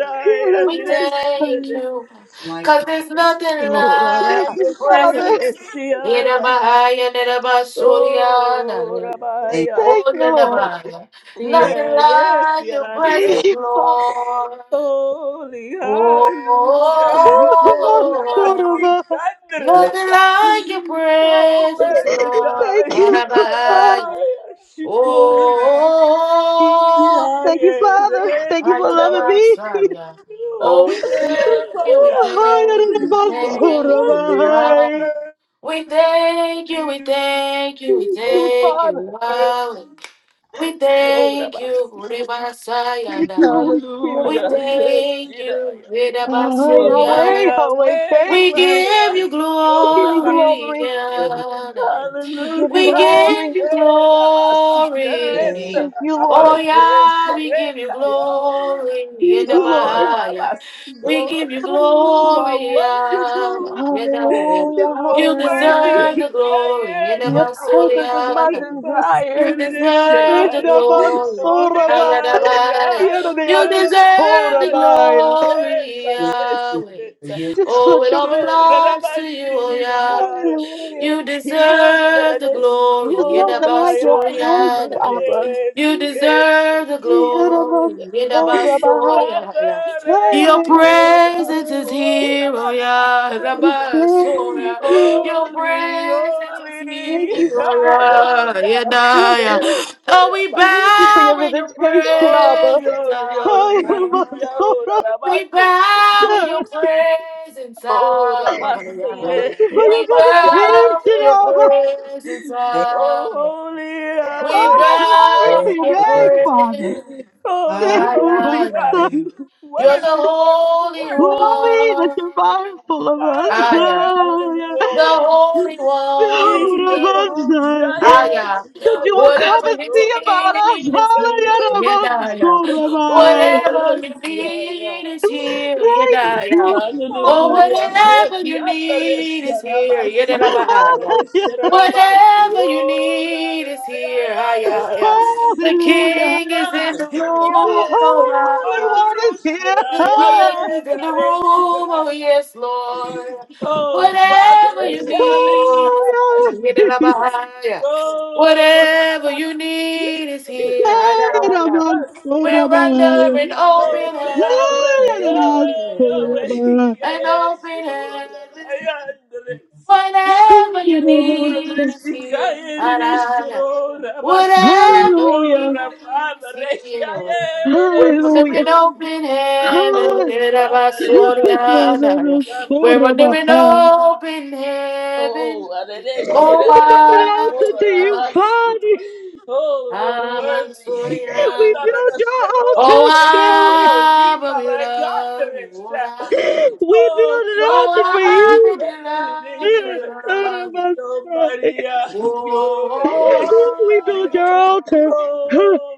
We thank Yanabansai. you, Like cause you. God. there's nothing Orara Thank like your you, ashara Father. presence. besiaya. Yerabahaya, Nerabasuriana, Oh, Thank you. Thank you. Orabaya. Thank oh, you, Lord. Yerabahaya. Thank you, Nothing Yeah, yes, like your Thank yarandare. presence, you, Father. Lord. Holy Oh, hallelujah. Oh, Sorabansai. Yorabasikandere. Lord. nothing like your Oh, presence, Lord. Thank Adonai. you, Yerabahaya. Father. Karabaya shikora. Oh, Thank you, Isiaye, Father. Thank you for dedetiro. loving me. Ayarabasaya. Oh, Oh, we thank Goodbye, you, we thank you, we Yahweh. oh, hi, Oh, Aranabanzora, thank you, worthy, Lord. hi. We thank you, we worthy, thank you, we Thank you, thank you, Father. Lord. We So thank you, Ribasaya Thank you, Daya. Holy Spirit. We Hallelujah. Yes, thank you, Shidaya. Oh, So Yahweh, Vedabasuya. my Yahweh, way, thank We you. give you my Yo We give you Rabbi. glory. glory. for the Yadaya. We give you We Hallelujah. give glory. you Yo Rabbi. glory. Shikiareta. Thank Thank you, Rabbi. Oh Lord. yeah, we give you Reshakaya. glory. Thank you, So Lord. Yedabaya. Rabbi. Thank We you. Yo. give you God. You Hallelujah. are glory. Abba. wonderful. Yedabaya. Hallelujah. You are You worthy. deserve Hallelujah. the glory. Gaia, Your Rose, presence is my Yedabasoriana. Sarah, desire. You Sarah, Sarah. deserve the glory. Oh, yeah, Rabansoraba, oh, Ayadabaya. yeah, oh, You yeah, oh, deserve yeah, the yeah. Yeraneansorabaya. Yes, glory, Yes, Sarah, you. Yahweh. Sarah. Yes, Just for Oh, it your all So, presence. belongs to Radabat, you, oh, Sarah, Sarah. Yah. Hallelujah. You He and deserve the the glory. There's score. nothing like your Yes, presence, Yedabasoya. Abba. yes, You yes, yes, deserve the yes. glory. Yadamanso yes. Rabahai. Yedabasoya. Father, Your Sarah, Hayadamanso. Sarah. presence is Oh, here, oh Radabat, yeah, Sarah. Thank Rabasoya. you. Your Holy, presence is holy, here, Thank you, oh Father. yeah, hallelujah. Thank Yedaya. you. Oh, we Thank you for bow your in your visitation, Abba. Holy, presence, holy, holy. Abba. Hayadamanso Yora Rabahai. We rabande. bow in your presence, Ora Abba. Lord. basie. Thank you for your We Yabaya. bow visitation, in your Yora. Abba. presence, Thank Oh, Abba. holy. We Yahweh. All glory bow to you. Thank in your Yora your you, God. name, basie. presence, Father. Thank Holy, Ah, you, holy are Master. Ayana. you. You're thank you. the Worthy, worthy, Holy worthy. Glory that One. you're mindful of Padre de Aya. us. The Rebañora, Holy One is No, Mira, here. yo Rabbazai, Ah, ya yeah. es, that ya you will es, come Whatever you and need yo see about la us. is here. siempre, Hallelujah, Yeah, yeah. Rabbanso, yeah. Rabbi. ahora Whatever eres you Thank you. ya, need ya. is here. Yeah, Thank yeah. yeah. you, Oh, Father. Aleluya, whatever you requiere need is here. Yeah, serabasio, yeah. yeah, ya yeah. eres Yes, serabasio, Whatever you ya, need is ya, here. Ah, ya, yeah, yeah. ya. The Hallelujah. king is Ya in the room. The Oh, es, ah, Holy ah. cuando One no is here. será, The Ah, king is in ya the room, oh eres, yes, Thank you. Lord. Thank you. Oh, Whatever Father, you hear me need is Oh, salvar. here. Get it up yeah. higher. Oh, Whatever you need is here. I Ah, got it. Rabbanso, la We're Oh, Rabbi. under an open Oh, heaven. Ah, Rabbanso, yeah. Yahweh, Yahweh, Yahweh, Rabbi. An open yes, Lord, heaven. I Thank you. understand. Ah, Whatever you Oh, need Rabbanso. is Rishika, here. I Rish, got it. Lord, Abbas, Whatever you Hallelujah. Lord, need Father, is Thank you. here. We're Yahweh, Rish, Hallelujah. wondering Lord. open heaven, Oh, father, yeah, it Erabasoriana. We're is. wondering Hallelujah. open heaven, Oh, oh We built an Abba, altar to you, Father. oh, you're Thank worthy. We Abasoriana. built your Oh, Oh altar, thank you, God. Elohim, Abba, we my God. love you, oh Abba. We Oh, built an altar Father, for Oh Abba, you. we love you, we love you. Oh, Oh, Maria, Oh, oh, We built your oh, altar. Oh,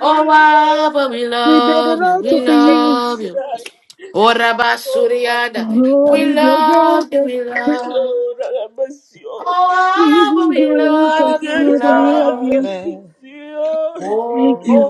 oh Abba, we We built love an you, altar we for you. love you. Oh, Orabasuriada. Maria. Oh, We we built your love you, altar. we love. you. Lord, I bless you. Oh, We Abba, built we you an Oh, Good, altar, good, good, love you, good we good Father. We love Father. love. you. you. Thank Father. you. Thank Oh, you. oh,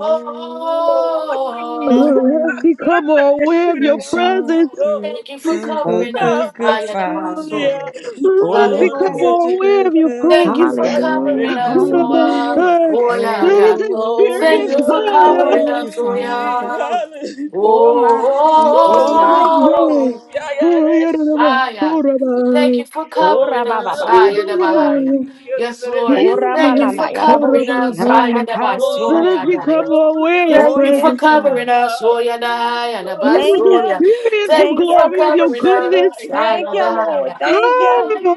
Oh, oh, Oh, wonderful. oh. let us become more aware of your you're so oh. presence. good, Thank you for so Thank good, covering you. us. good, good Ayadaba so. Father. Hallelujah. Thank Oh, Let us yes, you. You're become God. such more a Hallelujah. aware of good, your good, Thank good you presence. for covering Hallelujah. us, Let Father. oh, Hallelujah. wow. oh yeah, yeah. us Holy, Thank experience you for Oh, holy, Lord. Oh, covering thank yes, you, us, oh God. yeah. holy, Father. Oh, Oh, hallelujah. my. oh, Thank you. Thank you, Oh, Yah. my. oh, Mandai. Yeah, oh. yeah, yeah, Ayaraba ah yeah. yeah. Thank Sorabai. you for Oh, covering Oh, us, rabababa. ah yeah, the hallelujah. Bahia. Yaraya. Yes, Lord. Oh, Thank Yaraya you for Yanderebesai. ramanana. covering Yaraboshi. us, ah yeah, Sorabai. the Let us Oh, the Rakataraboshata. Basoria, become more only aware of your Oh, Thank you Lord for yes, is presence. God. covering us, oh above. yeah, the high and the Let bus, Oh, us Thank oh you. yeah. experience the Thank Thank you you. for glory of your covering goodness. us, Yanderebesai. I Thank and the you, high. Lord. yeah. Thank you. Yorabasi. Oh, Kanaba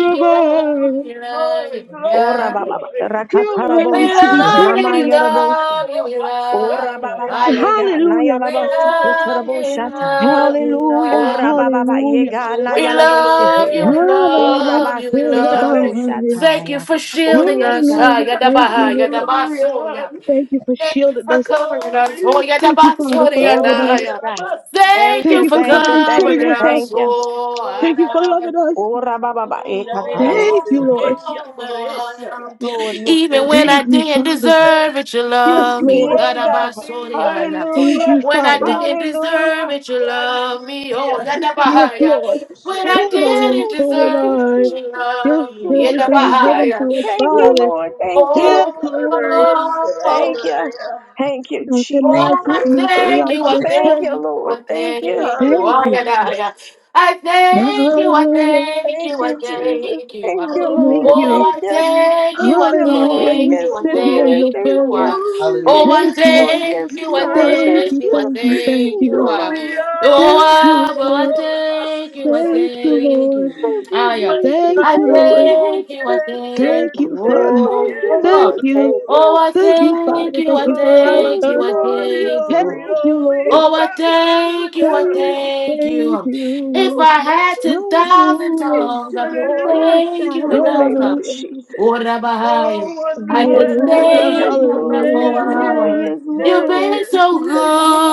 we love you, Glory, we love glory, you, we Oh, glory, love you. yeah. rabababa. glory. You're worthy We Rakataraboshi. to be love you, Nama we Yanderebesai. praised. yaraboshi. love you, we Oh, love you. Rabatorobasiandaya. rabababa. Ah, yeah. Yega. Hallelujah. We Nayarabasi. Oh, love you, we Ketaraboshata. hallelujah. love you, we Hallelujah. Ora love you. baba ba Hallelujah. yega Oh, na We my yala bo love you, sheya. we Yahweh, my Ora Nalalaman love ba you, si we ke love tarabo you. Sorabai. Yahweh. Thank you shataya. for Oh shielding yes us, God. ah, Hallelujah. yeah, the Thank you, high and the Lord. bus, Hallelujah. oh yeah. Thank you for Thank you shielding for us covering us. Oh, Holy yeah, the Thank you, box, Father, oh, for yeah, Oh loving the- us. Lord, yes yeah. I God. must hear Thank Thank Thank you you, that. you for for thank coming you, and thank sitting covering you, with thank us. us. you. Oh, Thank you for Father. loving Oh, us. Ora baba ba Mira, eka tarabo Thank Venecia, you, sheya. Lord. Recia, Narecia. Lord, yes, even Lord. when I Thank you, didn't Father. deserve it, you You are Yes, love me. Lord. Yeah, God. worthy, Gadabasoriaya. worthy, Thank Hallelujah. you, When worthy, I Father. worthy. didn't Hallelujah. deserve it, you love me. Hallelujah. Oh, Yes, Yadabahaya. Lord. Venecia, When I Lord. Hold on, didn't Oh, thank hold you, deserve on. it, Jesus. you Thank Your love You me. know, presence Hallelujah. thank is you. heaven Yadabahaya. to us, Thank you, Father. Lord. Thank Oh, you. Yes, Oh, oh, Father, Lord. it's oh, Thank oh. you. Thank you, Nothing you. Thank like Jesus. Oh, it, I nothing thank you, like I your you. Thank thank you, presence. you, Lord. I Thank you. thank you, Thank I you. Hallelujah. I, I thank you, I Hallelujah. thank Thank you, I you, Jesus. thank you. Thank ah. you, Holy, Thank Lord. Oh, you. Thank I you. holy, holy, thank you, Thank I you, Lord. Hallelujah. thank We Yes, you, I sit here in Lord. your thank Thank you. presence. you. ah. Thank you. Oh, Thank I you, Thank you. Lord. Yes, thank you, I Lord. Thank Thank thank you. you, I you. Thank you. Thank thank Thank you. you, you. ah. Lord. Oh, Thank you, ah, but I Lord. thank you, I Thank you, thank Lord. you. Thank Ah, yeah. you, Jesus. Thank I you, Thank you, Lord. Lord. thank you, I Thank you. thank Thank you. you, Father. Oh, Thank you, yeah. Thank Lord. you. Thank Oh, you. I Thank you, thank Father. you, Thank I you for life. Yes, thank you, Uh, I Lord. Yes, thank you. Lord. Thank you, Lord. Oh, I thank you, I Thank you. thank Thank you. If you. I had 10,000 Hallelujah. tongues, I couldn't Oh, yes, thank God, you in the enough. name of Hallelujah. Hallelujah. Jesus. What about Oh, you? I wonderful Yes, couldn't Lord, Hallelujah. Adonai. yes, thank you Lord, enough for yes, Yes, what I Lord, want. Hallelujah. yes, yes, You've yes, Lord, been yes. yes, so Lord,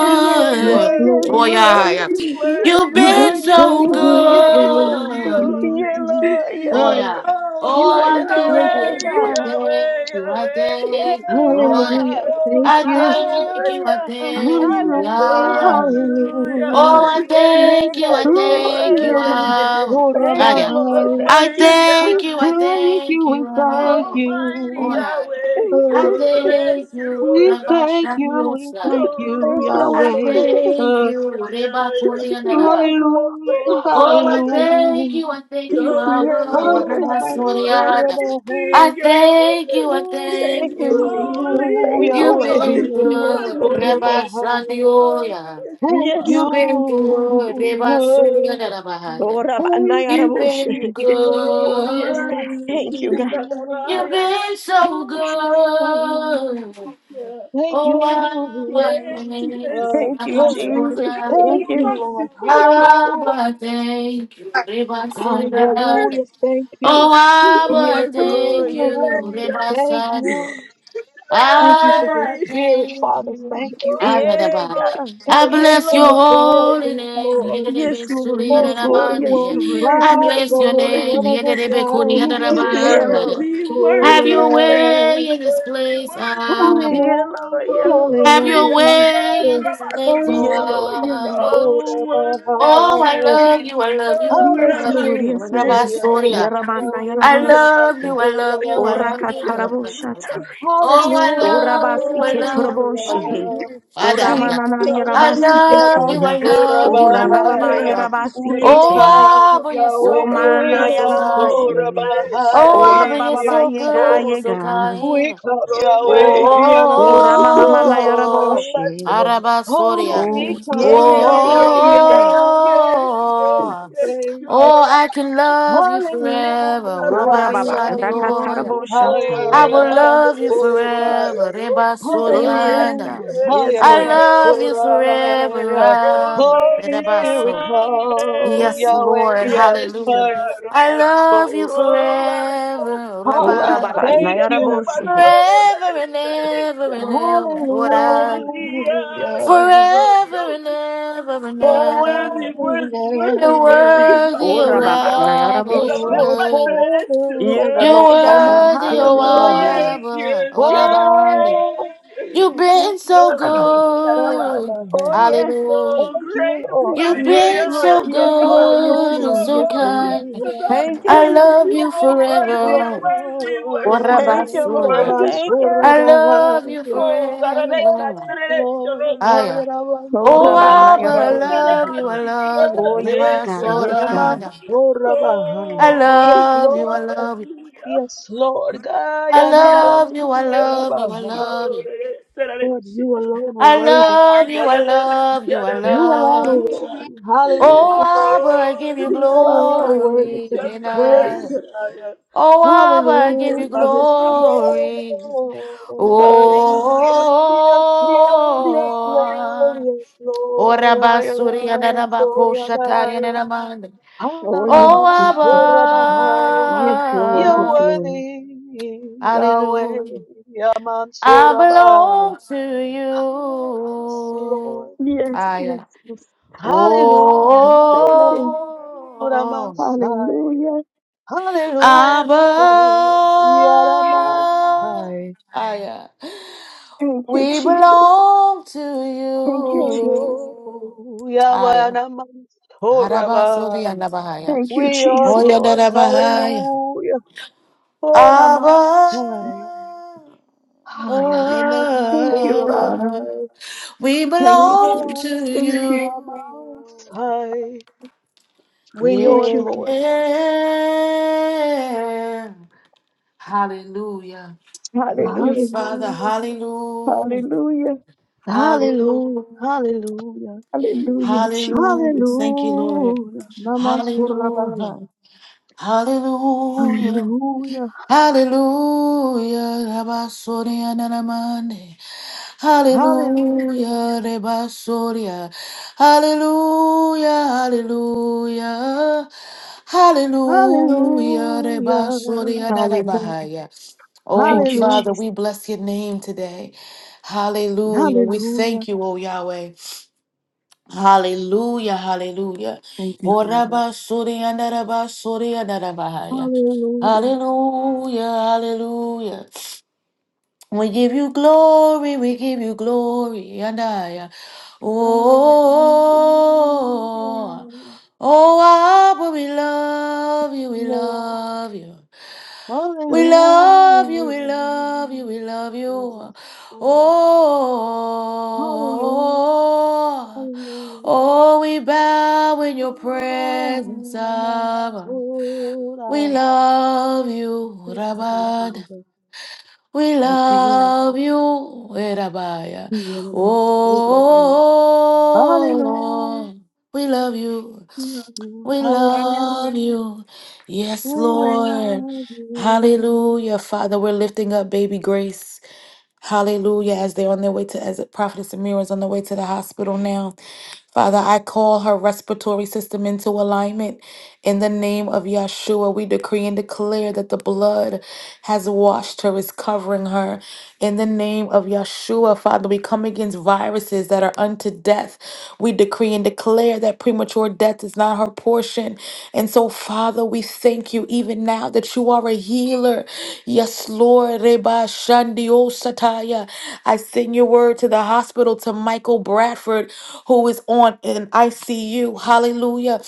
You are Yes, Lord, yes, Lord. Oh, worthy, Lord, yeah, yeah. worthy, yes, You've worthy, You've been Lord, yes, Lord, been yes, so worthy. so good Lord, to yeah, good. me. Holy, holy. Lord, yeah, Oh Uh, Lord, yeah. Oh, Oh, you've my I been so yeah, good. thank Yahweh, you, I God, thank Yahweh, you, I Yahweh. thank you. yeah, Oh Glory. yeah. Hallelujah. God, Oh, Thank I you. thank you, I ra-ra-ra-ra-ra. hallelujah, thank you, Hallelujah, Oh, hallelujah, Lord. Oh, hallelujah. hallelujah. I yeah, thank Yes, you, God, I yes, you yes, thank you, worthy, Lord. yes, Hallelujah, God, Lord thank Ah, you, yes. yeah. Lord, Rabbi. I thank you, Almighty, thank yeah. We you, I thank thank you, you, we thank Lord. Almighty Oh, you. yeah. Yahweh, I Uh, you're the thank you, we rescuer. Rabba thank you, we Shanyosa. thank you, thank you, Oh, I Yahweh. Lord, thank Uh, you, Reba Korean yes, hallelujah, Lord, Oh, I Father, thank hallelujah. you, I thank you, you're Abba. yeah, you Oh, I Lord. are bless you, Hallelujah, Lord Lord. amazing, I Rabbi. thank Yahweh. you, I Thank thank you, Thank you. Jesus. Holy you, Thank you You've you. are. Yahweh. been Lord Rabbi. Yes, good, Lord. Rabbi Hallelujah. So Sadioya. Thank testify. Yes. You've been good, Rabbi you. Surya Oh, Rabbana Thank You've you, Yaraboshe. thank been Oh, Oh, you, my yes, God. good. Thank you, God. Lord. You've Kadaraya. been my so Lord, good. Yeah. Thank Oh, you, Abba, Yes, thank yes, you, uh, Thank yes, you, Rabbi uh, yes. Jesus. Surya. Thank thank you. Rabbi you, Lord. Sikondo. Hallelujah, Abba, thank you, Rabbi Surya. hallelujah, thank you, Oh, Oh, I Yes, would wonderful Lord. thank Yes, you, Lord. hallelujah, thank Rebasadio. you, thank you I for your Yahweh, would spirit, thank Father. you. Thank you, holy, Yeah, Ayadaba. God. I thank Yeah, you bless for your your Lord. holy presence, name. Lord. Yes, Yedebe Lord. suri Yes, Oh, Lord. Holy Yes, yadabande. One, glory, Lord. I Father, Yes, bless the your Holy Lord. name. One of Yedebe kuri oh, Yeah, worthy, yadabara. Israel. worthy, Have worthy, your way in this worthy, place. worthy, Lord. Abba. Yeah, Hallelujah, Lord. oh, Have holy, your way hallelujah. in this place. Yahweh. Oh, Yeah, Lord. Yeah, Lord. Yeah, Lord. Abba. oh, Oh, wonderful, I Anabasorabahaya. love you. I love oh, you. I Yes, love Rabbas, Lord. you. Yes, Lord. Hallelujah, Rabasoria. Yarabana Yahweh, I Yarabosh. love you, I love you, I Ora love Anabasorabahaya. you. katarabo Oh, I love you, Orabasi I love you, I love ketoroboshe. Hallelujah. you. Father, We yeah. Oramanana come, I yarabasi hallelujah, love you, I kete. love you, I love Orababa you. Yamansorabahaya. hallelujah, yarabasi We Oh, hallelujah, kete. come, Abba, you're so Yahweh, good Omana and so kind. Lord, I yaraboshe. bless you, God. Oh, Abba, you're Orababa so yega good Yamansorabahaya. and so yega. We kind. come, Oh, my Oh, Yahweh, God. Yadabah, Oramamamana oh, Oh oh, oh. Orabah. my yaraboshe. God. Araba Oh, Soria. we O ye come, Oh, ye Yes, ye Yahweh, ye yes, yega. yes, oh, Yahweh. yes, yes, oh, oh. yes. Oh, Lord, I I can love you forever. Hallelujah, how Rabba we Hallelujah. Orababa love Sandioya. you. Oh, I that rakataraboshata. I'm will at Hayadabah, the love you rest. I Orah. forever. Reba Oh am yes Surianda. God, Hallelujah, Yes, yes I Hayadabah, Lord. love Lord. you forever. Orah. Oh, Rabba. Holy Reba Spirit, So. come, Yes, Yahweh, Lord. my Hallelujah. Hayadabah, God. I love you Orah. Oh, forever. I love Father, I you. Rabba. I Orababa thank get it you. on my soul. nayaraboshe. Forever I and get it ever and on ever. my What I. Yeah, Hallelujah. Forever and ever and So ever. worthy, forever and worthy, ever. worthy, You're worthy. worthy, you're Oh, Orababa Hallelujah. Get you're it Yes, on nayaraboshe. Lord, my worthy. forever and soul. ever, You're Yay, Lord. I'm God. on worthy, Lord, oh I'm Oh, Hallelujah. on yes, Abba, yes, oh yes, Rabbi. Oh, yes, You've yes. we're been so on Lord, good. I'm Oh, on yes. Hallelujah. Oh, Thank you, great Lord. You've mighty Yes, been God, Lord. so you Yes, are my Lord. Yes, Hallelujah. good and Savior, Lord. so Yes, Lord. Lord. kind. Yes, Lord. Thank you. I love You Yes, you are worthy, Lord. forever. worthy, Oh worthy, Rabbi, Thank you, worthy, I'm Sonia. Lord. on worthy, Thank Lord, you. worthy. I'm I love you on Oh, God, I let Yes, that forever. direct your Lord. rope, I- Aya. Lord, Oh Rabbana not Abba, your I Don't Hallelujah. let him love ask you, I you Yes, to love you. Oh, yes, Rabbi, understand, God. I- Lord. Yes, God. let that Sonia. fire. Amasorabahai. I Oh, Yes, love you, I Lord. love you. hallelujah, Yes, Lord. I love you, I hallelujah. love you, I Gayanamansorabahai. love Oh, you. let it, let it, let Lord, it, you alone are I worthy. love you, I love you, let I it, You alone are love you. let it. worthy. Oh, Hallelujah. Abba, I give you You Oh, alone are worthy to glory be and I. praised. Desperation. Hallelujah. Oh, Abba, I give Hallelujah. you Yes, Lord. glory. Hallelujah. Hallelujah. Yes, Lord. Yes, Lord. Oh, Yes, oh, Lord. Rabasuri and Rabakoshata and Hallelujah. Ramanda. Oh, yes. Oh, Yes, yes, Hallelujah. Yes, Lord. You're Yes, Abba, Lord. worthy, Yahweh, hallelujah. I Yamansoraba. belong to Yes, you. Lord. Yes, Ah, yes, yeah. yes. Yes, Hallelujah, Oh, God. Thank you. Ramansai. Hallelujah. Abba, Hallelujah, Yaramansai. ah, yeah. Thank you, we Jesus. belong to Thank you, Jesus. you. Ah, Yahweh, yeah. Haraba Namansoraba. soli and Abahaya. Thank you, We yours, Oh, Jesus. yeah, that Lord. Abahaya. Hallelujah. Oh, Abba, Namansai. Ah, Thank you, Father. Yanamansai. we Thank We you, belong belong Jesus. to to Thank you. you. the Most High. We're Thank yours, you. God. Lord. Yeah. Hallelujah. Thank you, Hallelujah. Father. Hallelujah. Hallelujah. Hallelujah. Hallelujah. Hallelujah. Hallelujah. Hallelujah, Jesus. Hallelujah. Thank you, Lord. Hallelujah. Hallelujah. Namansurabahai. Hallelujah. Hallelujah. Hallelujah, Rabasoria Nanamande. Hallelujah. Hallelujah, Rebasoria. Hallelujah, hallelujah. Hallelujah, Hallelujah. Rebasoria Hallelujah. Nanabahaya. Oh, Thank you, Father, Hallelujah. Jesus. we bless your name today. Hallelujah. We Hallelujah. thank you, oh Yahweh. Hallelujah, hallelujah. Thank you, Father. Oraba suri andaraba suri andarabahaya. Hallelujah. Hallelujah, hallelujah. We give you glory, we give you glory, and I. Oh, Hallelujah. oh, Abba, we love you, we Lord. love you. We love you, we Hallelujah. love you, we love Yes, you. Lord. Hallelujah. Oh, Hallelujah. oh, we bow in your presence, Abba. We Hallelujah. love you, We love you, Rabad. Father. We Thank you, Lord. love you, Erabaya. Hallelujah. Hallelujah. Oh, we love you. We love you. We Hallelujah. love you. Yes, We Lord. love you. Hallelujah. Father, we're lifting up baby Grace. Hallelujah. As they're on their way to, as Prophetess Amira is on the way to the hospital now. Father, I call her respiratory system into alignment. In the name of Yahshua, we decree and declare that the blood has washed her, is covering her. In the name of Yahshua, Father, we come against viruses that are unto death. We decree and declare that premature death is not her portion. And so, Father, we thank you even now that you are a healer. Yes, Lord. Reba Shandio Sataya. I send your word to the hospital to Michael Bradford who is on an ICU, hallelujah,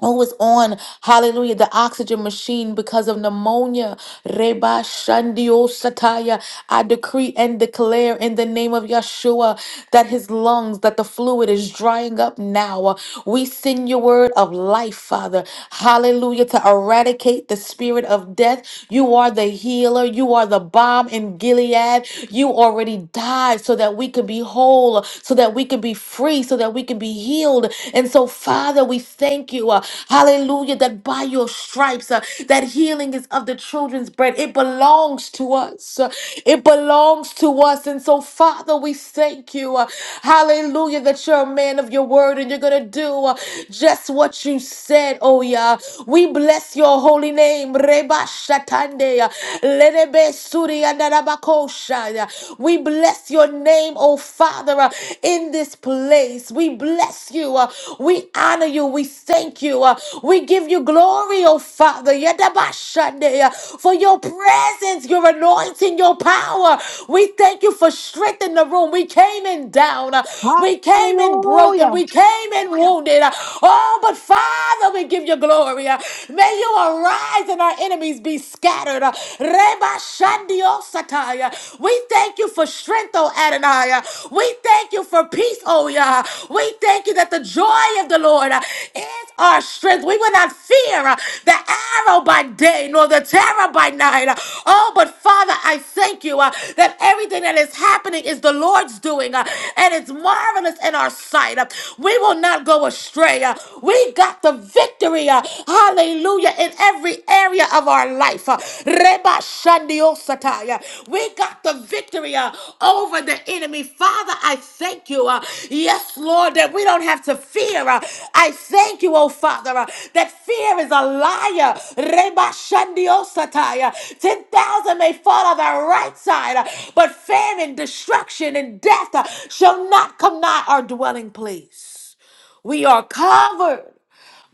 who is on, hallelujah, the oxygen machine because of pneumonia. Reba Shandio Sataya. I decree and declare in the name of Yeshua that his lungs, that the fluid is drying up now. We send your word of life, Father. Hallelujah. To eradicate the spirit of death. You are the healer. You are the bomb in Gilead. You already died so that we could be whole, so that we could be free, so that we could be healed. And so, Father, we thank you. uh, hallelujah. That by your stripes, uh, that healing is of the children's bread. It belongs to us. It belongs to us. And so, Father, we thank you. uh, Hallelujah, that you're a man of your word and you're going to do uh, just what you said, oh yeah. We bless your holy name. Reba Shatande. uh, Lenebe Suri Andarabakosha, yeah. We bless your name, oh Father, uh, in this place. We bless you. uh, We honor you. We thank you. uh, we give you glory, oh Father. Yadabashandeya. For your presence, your anointing, your power. We thank you for strength in the room. We came in down. uh, We came in broken. Hallelujah. We came in wounded. uh, Oh, but Father, we give you glory. uh, May you arise and our enemies be scattered. uh, Rebashandiosataya. We thank you for strength, oh Adonai. Uh, we thank you for peace, oh Yah. We thank you that the joy of the Lord uh, is our strength. We will not fear uh, the arrow by day nor the terror by night. Uh, Oh, but Father, I thank you uh, that everything that is happening is the Lord's doing uh, and it's marvelous in our sight. Uh, We will not go astray. Uh, We got the victory, uh, hallelujah, in every area of our life life. uh, Reba Shandio Sataya. We got the victory uh, over the enemy. Father, I thank you. uh, Yes, Lord, that we don't have to fear. uh, I thank you, oh Father, uh, that fear is a liar. Reba Shandio Sataya. 10,000 may fall on the right side, uh, but famine, destruction, and death uh, shall not come nigh our dwelling place. We are covered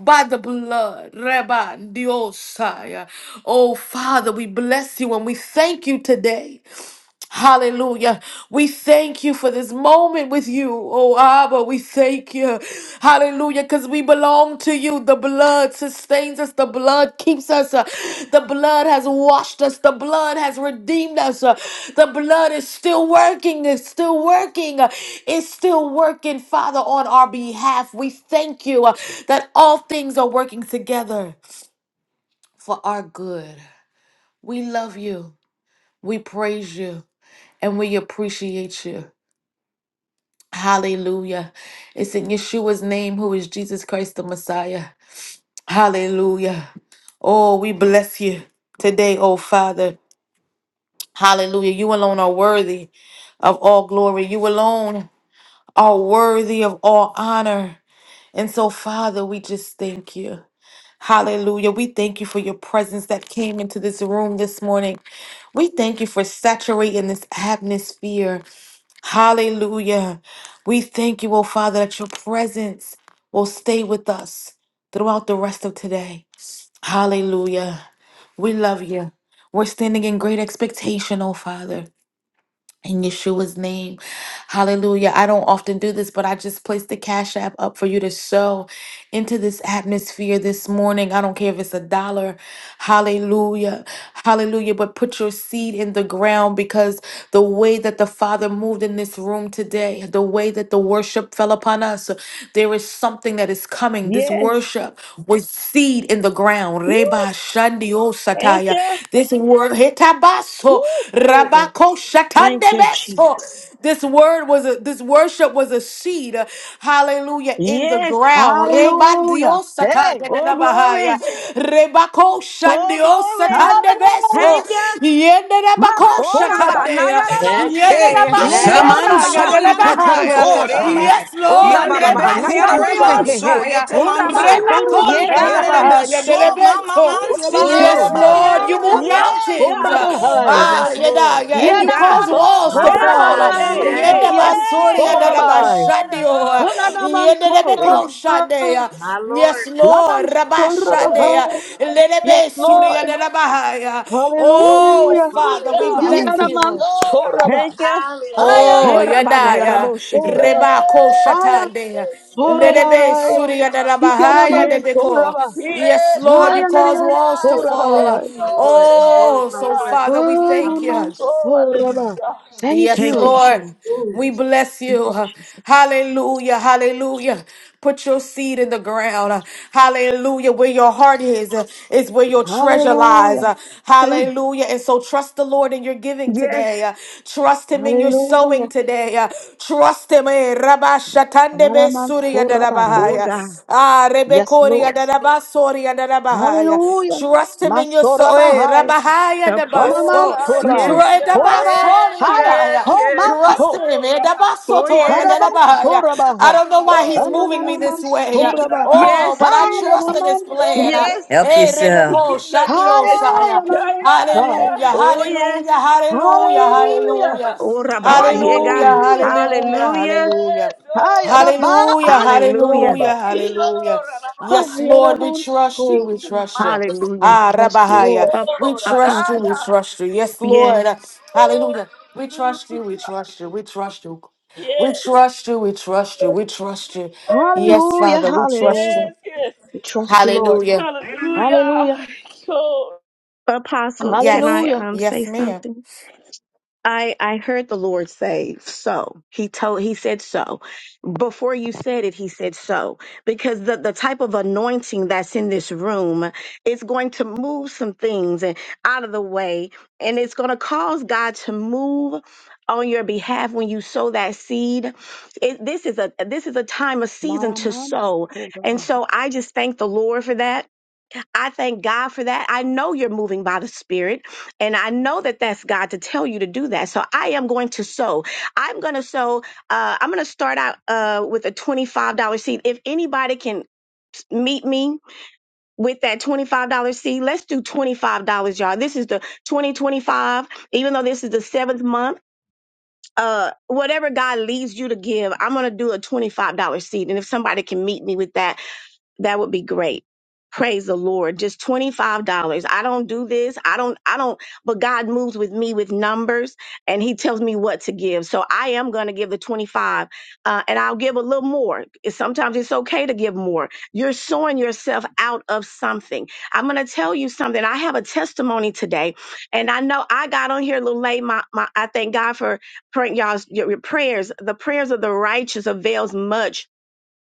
by the blood. Reba Diosaya. Oh, Father, we bless you and we thank you today. Hallelujah. We thank you for this moment with you. Oh, Abba, we thank you. Hallelujah, because we belong to you. The blood sustains us, the blood keeps us, uh, the blood has washed us, the blood has redeemed us. uh, the blood is still working, it's still working, uh, it's still working, Father, on our behalf. We thank you uh, that all things are working together for our good. We love you, we praise you, and we appreciate you. Hallelujah. It's in Yeshua's name, who is Jesus Christ the Messiah. Hallelujah. Oh, we bless you today, oh Father. Hallelujah. You alone are worthy of all glory. You alone are worthy of all honor. And so, Father, we just thank you. Hallelujah. We thank you for your presence that came into this room this morning. We thank you for saturating this atmosphere. Hallelujah. We thank you, oh Father, that your presence will stay with us throughout the rest of today. Hallelujah. We love you. We're standing in great expectation, oh Father in Yeshua's name. Hallelujah. I don't often do this, but I just placed the Cash App up for you to sow into this atmosphere this morning. I don't care if it's a dollar. Hallelujah. Hallelujah. But put your seed in the ground because the way that the Father moved in this room today, the way that the worship fell upon us, there is something that is coming. This Yes. worship was seed in the ground. Woo. Reba Shandio Thank Sataya. you. This word, Woo. Glory. Thank you, Jesus. Shakandebeso. This word was a this worship was a seed. uh, Hallelujah in the Yes. ground. Reba Hallelujah. diosata Hey. Oh, bahaya. glory. Rebako Oh, glory. Hallelujah. shandiosatandebeso. Thank you. Yenderabako Oh, Rabba. shatandea. Yes. Hey, Nayaraboshe. Oh, Yes. Yenderabandiosa samansu Rabba. Sike yaderabahaya. nananso Yeyamansora. toroboshatai. reba Yes, Oh, Lord. Rabba. yanderebe Reba Thank you, kure Nayaraboshe. Father. Hey, hey. manso yete Oh, shandiosaya. Rabba. manso Onamansora Rebakori Yeah, God. bahai. yadadabaha, yerebe Hallelujah. so mama yadadabeso. Woo. mansi Glory Yes, Glory. yereba. Urabaya to Lord, God. you move Yeah, mountains. namansora uh, God. Yeah, bahai. My, Ah, Yes, hallelujah. yada, Lord. yeah, and Woo, you God. cause Oh, walls my, to Yanamansora fall. Hey, uh, my. hey, bahai. Yes. hey, hallelujah. He yedabasori hey, Oh, Ikiansora glory, bahai. yadadabashandio, uh, glory. yedadabeko shande, Onanamansora uh, My Yes, Lord. Lord, Lamansora Rabashande, uh, bahai. Yes, Lelebesuri Lord. yadadabaha, uh, Woo, Oh, Hallelujah. Father, Hallelujah. we woo, bless hallelujah. Jesus. you. Glory Yanamansora Thank you. bahai. Oh, Hallelujah. Hey, Oh, Rabbana, ya hallelujah. yadaya. Raboshe. Yanamansora bahai. Rebako Yes, yes, shatande. yes, Lerebe yes. Horabahai. Oh, suriyadalabahaya Yaraban Yes. debeko. Soraba. Yes, Yes, Lord, you Yandaraya, cause Hayanayan walls to fall. Soraba. My Rekyor, Lord. My Lord. Oh, My so Lord. Resharaya. Father, we My thank Bayraman you. Oh, Soraba. hallelujah. Thank Yes, Thank Shira. you. you, Jesus. Lord. Lord. We bless Thank you, you. Jesus. Hallelujah. Hallelujah. Put your seed in the ground. Hallelujah. Where your heart is, uh, is where your treasure lies. Hallelujah. Uh, Mm, Hallelujah. And so trust the Lord in your giving Yes. today. Uh, Trust Him in your sowing Hallelujah. today. Uh, Trust Him. Eh, Rabba Shatande Be Araman Suri Oh, Soraba. God. Yadadabahaya. Ah, Yes, Rebekori Lord. Yadadabaso. Hallelujah. Trust him in your soul. Masoraba Eh, Hai. Rabahaya Help. Oh, Onaman Dabaso. Tru- Sorai. Yes. hallelujah. Horaba Yes, Haya. yes, Dabasoriana. Homan yes. Shira, Trust So. him. Eh, Oh, Bashira, Dabasotoya yes. Araban yes. Dabahaya. Soraba I Hai. don't know why he's Oh, moving me Ananaman this way. Shira, Soraba. Oh, Yes. but I Bashira, trust in Hayanaman his plan. So. Bashira. Yes. Help Hey, Rebecca, yourself. Yandaraya. Shandiosaya. Hayanaman Sai. yeah, yeah. Hallelujah, Oh, hallelujah, yes. hallelujah, Oh, Hallelujah. hallelujah, Oh, Rabba. Yeah, Yabasire. hallelujah, God. Hallelujah. hallelujah, Yes, Hallelujah. hallelujah. yes, yes! oh, Ramata. Hallelujah, Hallelujah. Hayadabaansoraba. hallelujah, Yo, hallelujah. Yes, Ramata. Lord, we trust you, Hayadamanso. we trust you. Hallelujah. We Ah, trust you, Rabahaya, Lord. Up, we Oh, da, da, trust you, apostle. we da. trust you. Yes, Yes. Lord, Oh, hallelujah. We trust you, we trust you, we trust you. We yes. trust you, we trust you, we trust you. Yes, Yes, Hallelujah. Father, we trust Hallelujah. you. yes, yes. We trust you, Lord. Hallelujah. Hallelujah. Hallelujah. Oh, Apostle, can Yes, I Hallelujah. um say yes, ma'am. something? I I heard the Lord say so. He told he said so. Before you said it, he said so. Because the, the type of anointing that's in this room is going to move some things and out of the way. And it's gonna cause God to move on your behalf when you sow that seed. It, this is a this is a time, a season to sow. And Maramansoraba. so I just thank the Lord for that. I thank God for that. I know you're moving by the Spirit, and I know that that's God to tell you to do that. So I am going to sow. I'm going to sow. Uh, I'm going to start out uh, with a $25 seed. If anybody can meet me with that $25 seed, let's do $25, y'all. This is the 2025, even though this is the seventh month. Uh, whatever God leads you to give, I'm going to do a $25 seed. And if somebody can meet me with that, that would be great. Praise the Lord. Just $25. I don't do this. I don't, I don't, but God moves with me with numbers and he tells me what to give. So I am going to give the 25 uh, and I'll give a little more. It's- Sometimes it's okay to give more. You're sowing yourself out of something. I'm going to tell you something. I have a testimony today and I know I got on here a little late. My, my, I thank God for praying y'all's your, your prayers. The prayers of the righteous avails much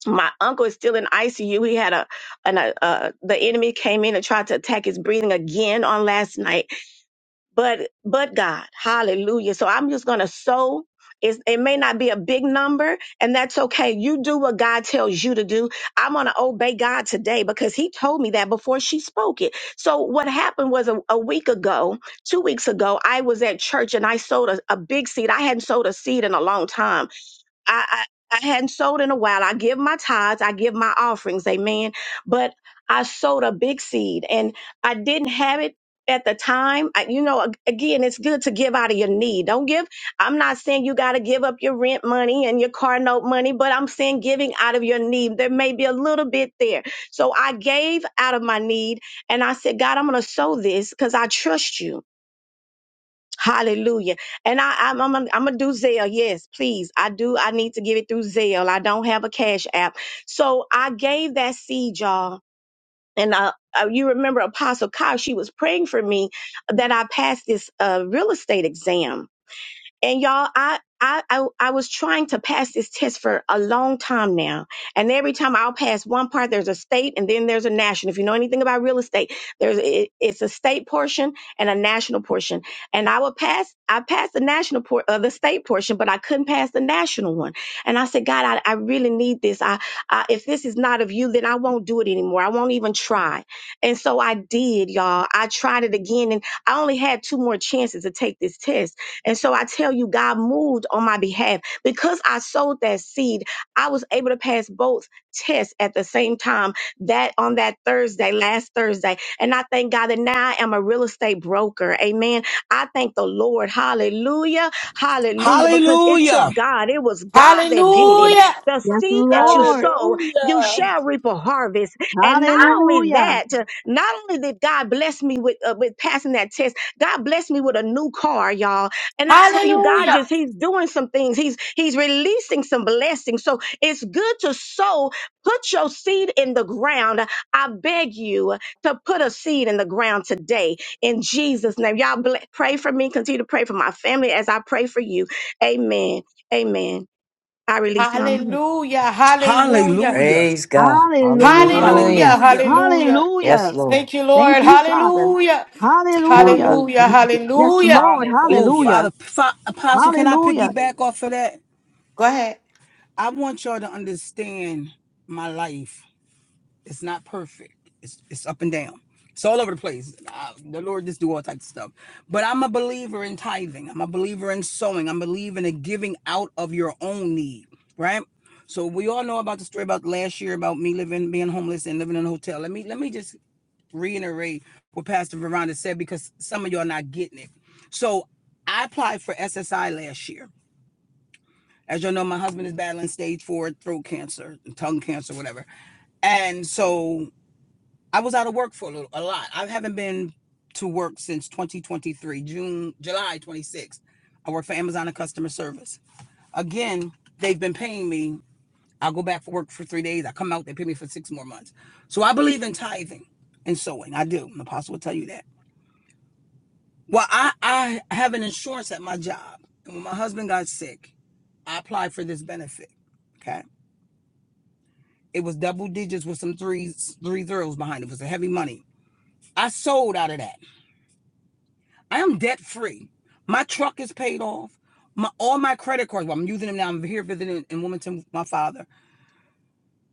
my uncle is still in ICU. He had a, an, a, uh the enemy came in and tried to attack his breathing again on last night. But but God, Hallelujah! So I'm just gonna sow. It's, it may not be a big number, and that's okay. You do what God tells you to do. I'm gonna obey God today because He told me that before she spoke it. So what happened was a, a week ago, two weeks ago, I was at church and I sowed a, a big seed. I hadn't sowed a seed in a long time I, I, I hadn't sold in a while. I give my tithes, I give my offerings, amen. But I sowed a big seed and I didn't have it at the time. I, you know, ag- again, it's good to give out of your need. Don't give, I'm not saying you got to give up your rent money and your car note money, but I'm saying giving out of your need. There may be a little bit there. So I gave out of my need and I said, God, I'm going to sow this because I trust you. Hallelujah. And I, I'm, I'm, I'm gonna do Zelle. Yes, please. I do. I need to give it through Zelle. I don't have a cash app. So I gave that seed, y'all. And uh, uh, you remember Apostle Kyle, she was praying for me that I passed this uh, real estate exam and y'all, I, I, I, I was trying to pass this test for a long time now. And every time I'll pass one part, there's a state and then there's a national. If you know anything about real estate, there's, it, it's a state portion and a national portion. And I would pass, I passed the national por uh, the state portion, but I couldn't pass the national one. And I said, God, I, I really need this. I, I, if this is not of you, then I won't do it anymore. I won't even try. And so I did, y'all. I tried it again and I only had two more chances to take this test and so I tell you, God moved on my behalf. Because I sowed that seed, I was able to pass both tests at the same time that on that Thursday, last Thursday. And I thank God that now I am a real estate broker. Amen. I thank the Lord. Hallelujah. Hallelujah. Because it took Hallelujah. God, it was God that did it. Hallelujah, The Yes, seed that you Lord. sow, you hallelujah. shall reap a harvest. And not only Hallelujah. that, not only did God bless me with uh, with passing that test, God blessed me with a new car, y'all. And I tell you, God hallelujah, just, He's doing some things. He's He's releasing some blessings. So it's good to sow. Put your seed in the ground. I beg you to put a seed in the ground today in Jesus' name. Y'all ble- pray for me. Continue to pray for my family as I pray for you. Amen. Amen. I release my mind. hallelujah, hallelujah, Hallelujah. Praise God. Hallelujah. Hallelujah. hallelujah, Hallelujah. hallelujah. Yes, Hallelujah. Lord. Thank you, Thank Lord. you, Father. Hallelujah. Hallelujah. Hallelujah. Yes, Hallelujah. Lord. Oh, Hallelujah. Father, Fa- Apostle, can I Hallelujah. piggyback off of that? Go ahead. I want y'all to understand my life. It's not perfect. It's it's up and down. It's all over the place. Uh, the Lord just do all types of stuff. But I'm a believer in tithing. I'm a believer in sowing. I'm believing in giving out of your own need. Right. So we all know about the story about last year about me living, being homeless and living in a hotel. Let me let me just reiterate what Pastor Veranda said because some of y'all not getting it. So I applied for SSI last year. As y'all know, my husband is battling stage four throat cancer, tongue cancer, whatever. And so I was out of work for a little, a lot. I haven't been to work since 2023, June, July 26th. I work for Amazon and customer service. Again, they've been paying me. I'll go back for work for three days. I come out, they pay me for six more months. So I believe in tithing and sowing. I do. An apostle will tell you that. Well, I, I have an insurance at my job. And when my husband got sick, I applied for this benefit. Okay. It was double digits with some threes, three zeros behind it. It was a heavy money. I sold out of that. I am debt free. My truck is paid off. My all my credit cards. Well, I'm using them now. I'm here visiting in Wilmington with my father.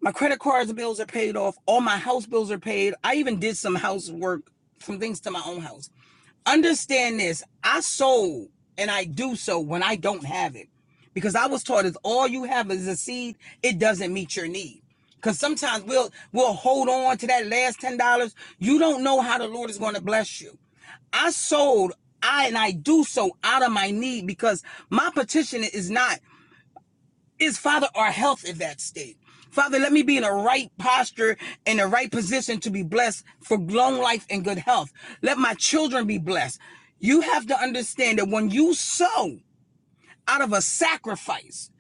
My credit cards bills are paid off. All my house bills are paid. I even did some housework, some things to my own house understand this i sow and i do so when i don't have it because i was taught if all you have is a seed it doesn't meet your need because sometimes we'll we'll hold on to that last ten dollars you don't know how the lord is going to bless you i sold I and I do so out of my need because my petition is not is father our health in that state father let me be in the right posture in the right position to be blessed for long life and good health let my children be blessed you have to understand that when you sow out of a sacrifice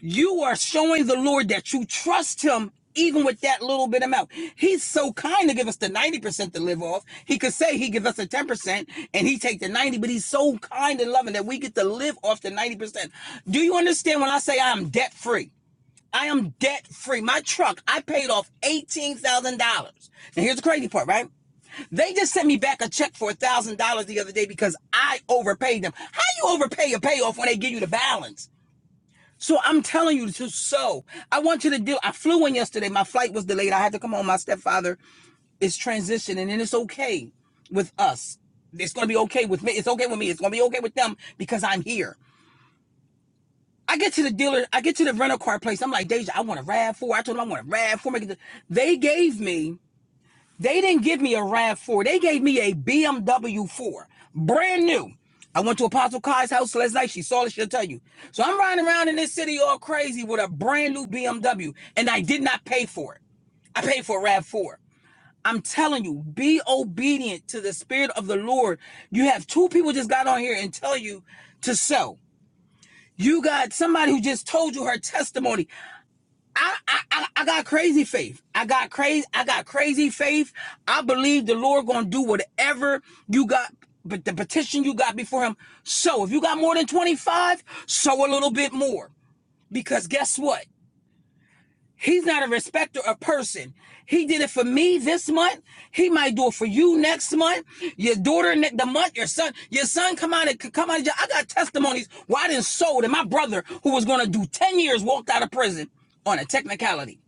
you are showing the lord that you trust him even with that little bit amount he's so kind to give us the 90% to live off he could say he gives us the 10% and he take the 90 but he's so kind and loving that we get to live off the 90% do you understand when i say i'm debt free I am debt free. My truck, I paid off $18,000. Now, here's the crazy part, right? They just sent me back a check for $1,000 the other day because I overpaid them. How you overpay a payoff when they give you the balance? So I'm telling you to so. I want you to do. I flew in yesterday. My flight was delayed. I had to come home. My stepfather is transitioning, and it's okay with us. It's going to be okay with me. It's okay with me. It's going to be okay with them because I'm here. I get to the dealer, I get to the rental car place. I'm like, Deja, I want a RAV4. I told them I want a RAV4. They gave me, they didn't give me a RAV4. They gave me a BMW 4, brand new. I went to Apostle Kai's house last night. She saw it. She'll tell you. So I'm riding around in this city all crazy with a brand new BMW, and I did not pay for it. I paid for a RAV4. I'm telling you, be obedient to the spirit of the Lord. You have two people just got on here and tell you to sow. You got somebody who just told you her testimony. I, I, I, I got crazy faith. I got crazy. I got crazy faith. I believe the Lord gonna do whatever you got. But the petition you got before Him. So if you got more than twenty five, sow a little bit more. Because guess what? He's not a respecter of person. He did it for me this month. He might do it for you next month. Your daughter ne- the month. Your son. Your son come out and come out. Of I got testimonies where I didn't sold, and my brother who was going to do ten years walked out of prison on a technicality,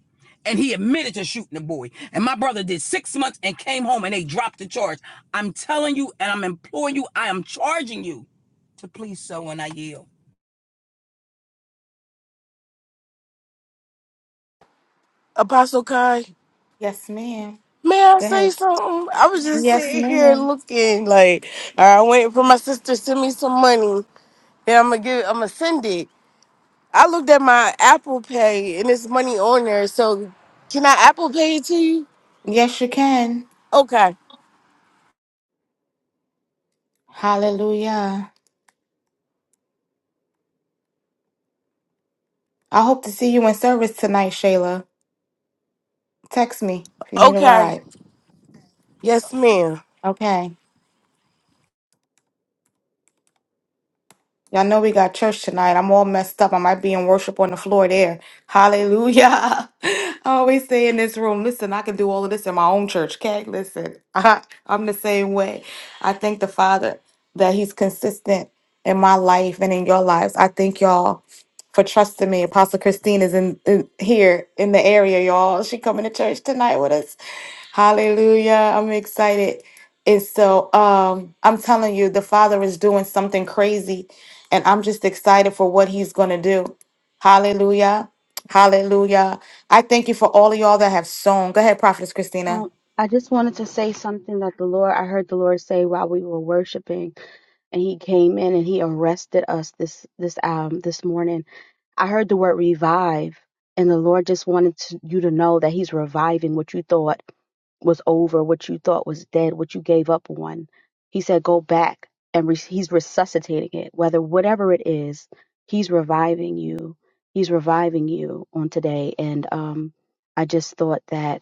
and he admitted to shooting the boy. And my brother did six months and came home, and they dropped the charge. I'm telling you, and I'm imploring you. I am charging you to please sow, and I yield. Apostle Kai, Yes, ma'am. may I Go say ahead. something? I was just Yes, sitting here ma'am. looking like, all right, I'm waiting for my sister to send me some money. Then I'm gonna give, I'm gonna send it. I looked at my Apple Pay and it's money on there. So, can I Apple Pay it to you? Yes, you can. Okay, Hallelujah. I hope to see you in service tonight, Shayla. Text me if you need a okay, ride. yes, ma'am. Okay. Y'all know we got church tonight. I'm all messed up. I might be in worship on the floor there. Hallelujah. I always say in this room, listen, I can do all of this in my own church, okay? Listen, I, am the same way. I thank the Father that He's consistent in my life and in your lives. I thank y'all for trusting me. Apostle Christine is in, in here in the area, y'all. She coming to church tonight with us. Hallelujah. I'm excited. And so um, I'm telling you, the Father is doing something crazy and I'm just excited for what he's going to do. Hallelujah. Hallelujah. I thank you for all of y'all that have sown. Go ahead, Prophetess Christina. Um, I just wanted to say something that the Lord, I heard the Lord say while we were worshiping, and He came in and He arrested us this this um this morning. I heard the word revive, and the Lord just wanted to, you to know that He's reviving what you thought was over, what you thought was dead, what you gave up on. He said, "Go back," and re- He's resuscitating it. Whether whatever it is, He's reviving you. He's reviving you on today, and um, I just thought that.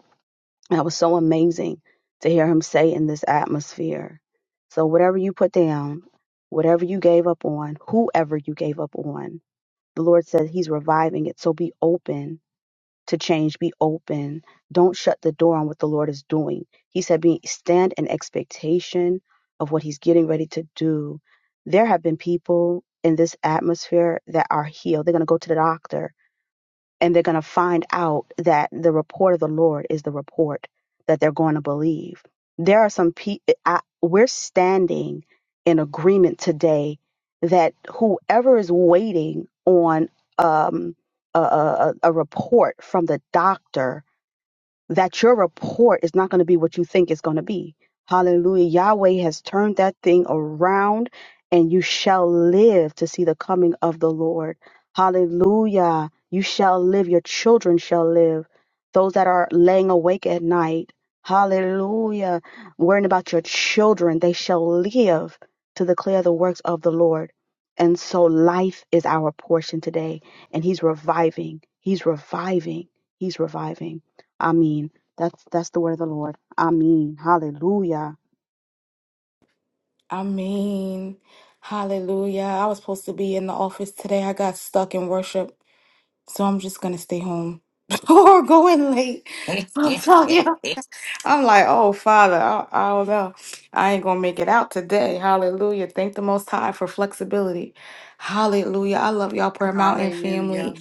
That was so amazing to hear him say in this atmosphere. So, whatever you put down, whatever you gave up on, whoever you gave up on, the Lord says He's reviving it. So, be open to change, be open. Don't shut the door on what the Lord is doing. He said, be, stand in expectation of what He's getting ready to do. There are people in there that are doctor and they find that court. believe. There are some people, we're standing in agreement today that whoever is waiting on um, a, a, a a report, a doctor, that your report is not going to be what you think it's going to be. Hallelujah. Yahweh has turned that thing around and you shall live to see the coming of the Lord. Hallelujah. You shall live. Your children shall live. Those that are laying awake at night. Hallelujah. Worrying about your children, they shall live to declare the works of the Lord. And so life is our portion today. And he's reviving. He's reviving. He's reviving. Amen. That's that's the word of the Lord. Amen. Hallelujah. I mean, hallelujah. I was supposed to be in the office today. I got stuck in worship. So I'm just going to stay home or go in late. I'm telling you. I'm like, oh, Father, I, I don't know. I ain't going to make it out today. Hallelujah. Thank the Most High for flexibility. Hallelujah. I love y'all, Prayer Hallelujah. Mountain Hallelujah. family. Hallelujah.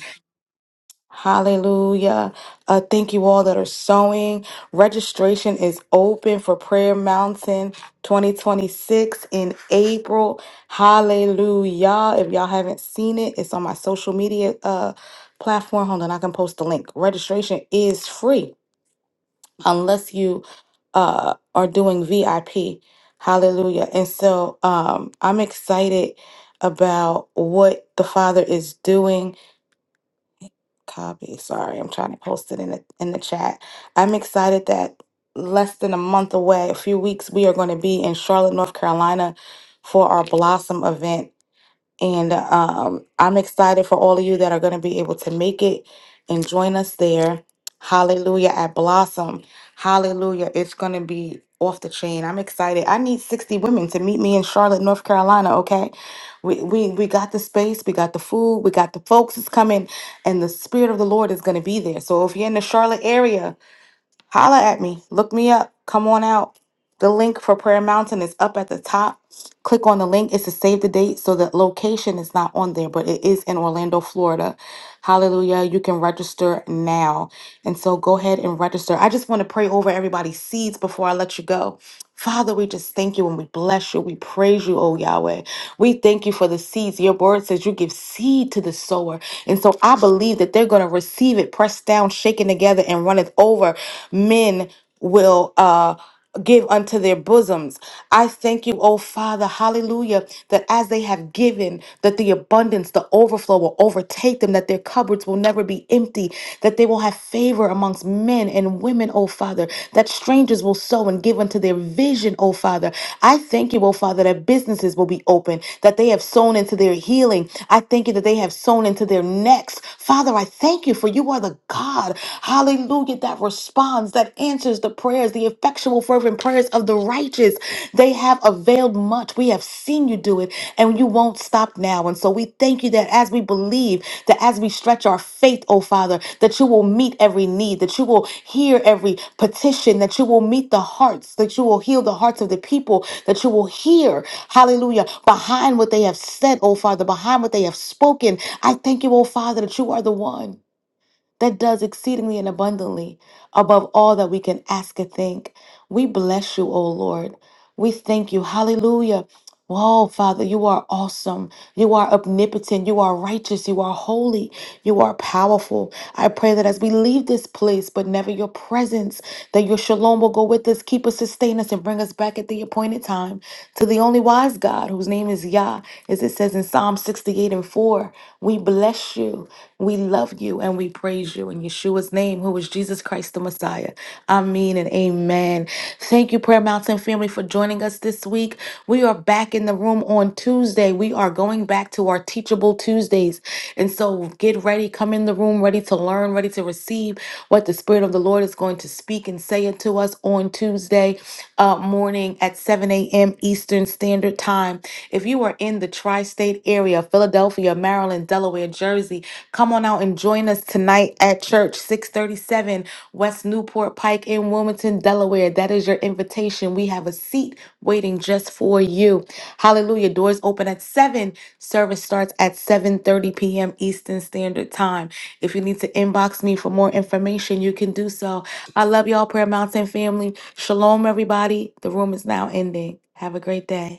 Hallelujah. Uh, thank you all that are sewing. Registration is open for Prayer Mountain 2026 in April. Hallelujah. If y'all haven't seen it, it's on my social media uh, platform. Hold on, I can post the link. Registration is free unless you uh, are doing VIP. Hallelujah. And so um, I'm excited about what the Father is doing. Copy. Sorry, I'm trying to post it in the in the chat. I'm excited that less than a month away, a few weeks, we are going to be in Charlotte, North Carolina for our Blossom event. And um, I'm excited for all of you that are going to be able to make it and join us there. Hallelujah at Blossom. Hallelujah. It's going to be off the chain. I'm excited. I need 60 women to meet me in Charlotte, North Carolina, okay? We we we got the space, we got the food, we got the folks is coming and the spirit of the Lord is going to be there. So if you're in the Charlotte area, Holla at me. Look me up. Come on out. The link for Prayer Mountain is up at the top. Click on the link. It's to save the date, so the location is not on there, but it is in Orlando, Florida. Hallelujah. You can register now. And so go ahead and register. I just want to pray over everybody's seeds before I let you go. Father, we just thank you and we bless you. We praise you, oh Yahweh. We thank you for the seeds. Your word says you give seed to the sower. And so I believe that they're going to receive it, pressed down, shaken together, and runneth over men will uh give unto their bosoms. I thank you, oh Father, hallelujah, that as they have given, that the abundance, the overflow will overtake them, that their cupboards will never be empty, that they will have favor amongst men and women, oh Father, that strangers will sow and give unto their vision, oh Father. I thank you, oh Father, that businesses will be open, that they that they have sown into their healing. I thank you that they have sown into their necks. Father, I thank you for you are the God, hallelujah, that responds, that answers the prayers, the effectual, fervent prayers of the righteous. They have availed much. We have seen you do it, and you won't stop now. And so we thank you that as we believe, that as we stretch our faith, oh Father, that you will meet every need, that you will hear every petition, that you will meet the hearts, that you will heal the hearts of the people, that you will hear. Hallelujah. Behind what they have said, oh Father, behind what they have spoken. I thank you, oh Father, that you are the one that does exceedingly and abundantly above all that we can ask or think. We bless you, O Lord. We thank you. Hallelujah. Whoa, Father, you are awesome. You are omnipotent. You are righteous. You are holy. You are powerful. I pray that as we leave this place, but never your presence, that your shalom will go with us, keep us, sustain us, and bring us back at the appointed time to the only wise God, whose name is Yah, as it says in Psalm 68 and 4. We bless you. We love you and we praise you in Yeshua's name, who is Jesus Christ the Messiah. Amen and amen. Thank you, Prayer Mountain family, for joining us this week. We are back in the room on Tuesday. We are going back to our Teachable Tuesdays. And so get ready, come in the room ready to learn, ready to receive what the Spirit of the Lord is going to speak and say unto us on Tuesday uh, morning at 7 a.m. Eastern Standard Time. If you are in the tri state area, Philadelphia, Maryland, Delaware, Jersey, Come on out and join us tonight at church, 637 West Newport Pike in Wilmington, Delaware. That is your invitation. We have a seat waiting just for you. Hallelujah. Doors open at 7. Service starts at 7:30 p.m. Eastern Standard Time. If you need to inbox me for more information, you can do so. I love y'all, Prayer Mountain family. Shalom, everybody. The room is now ending. Have a great day.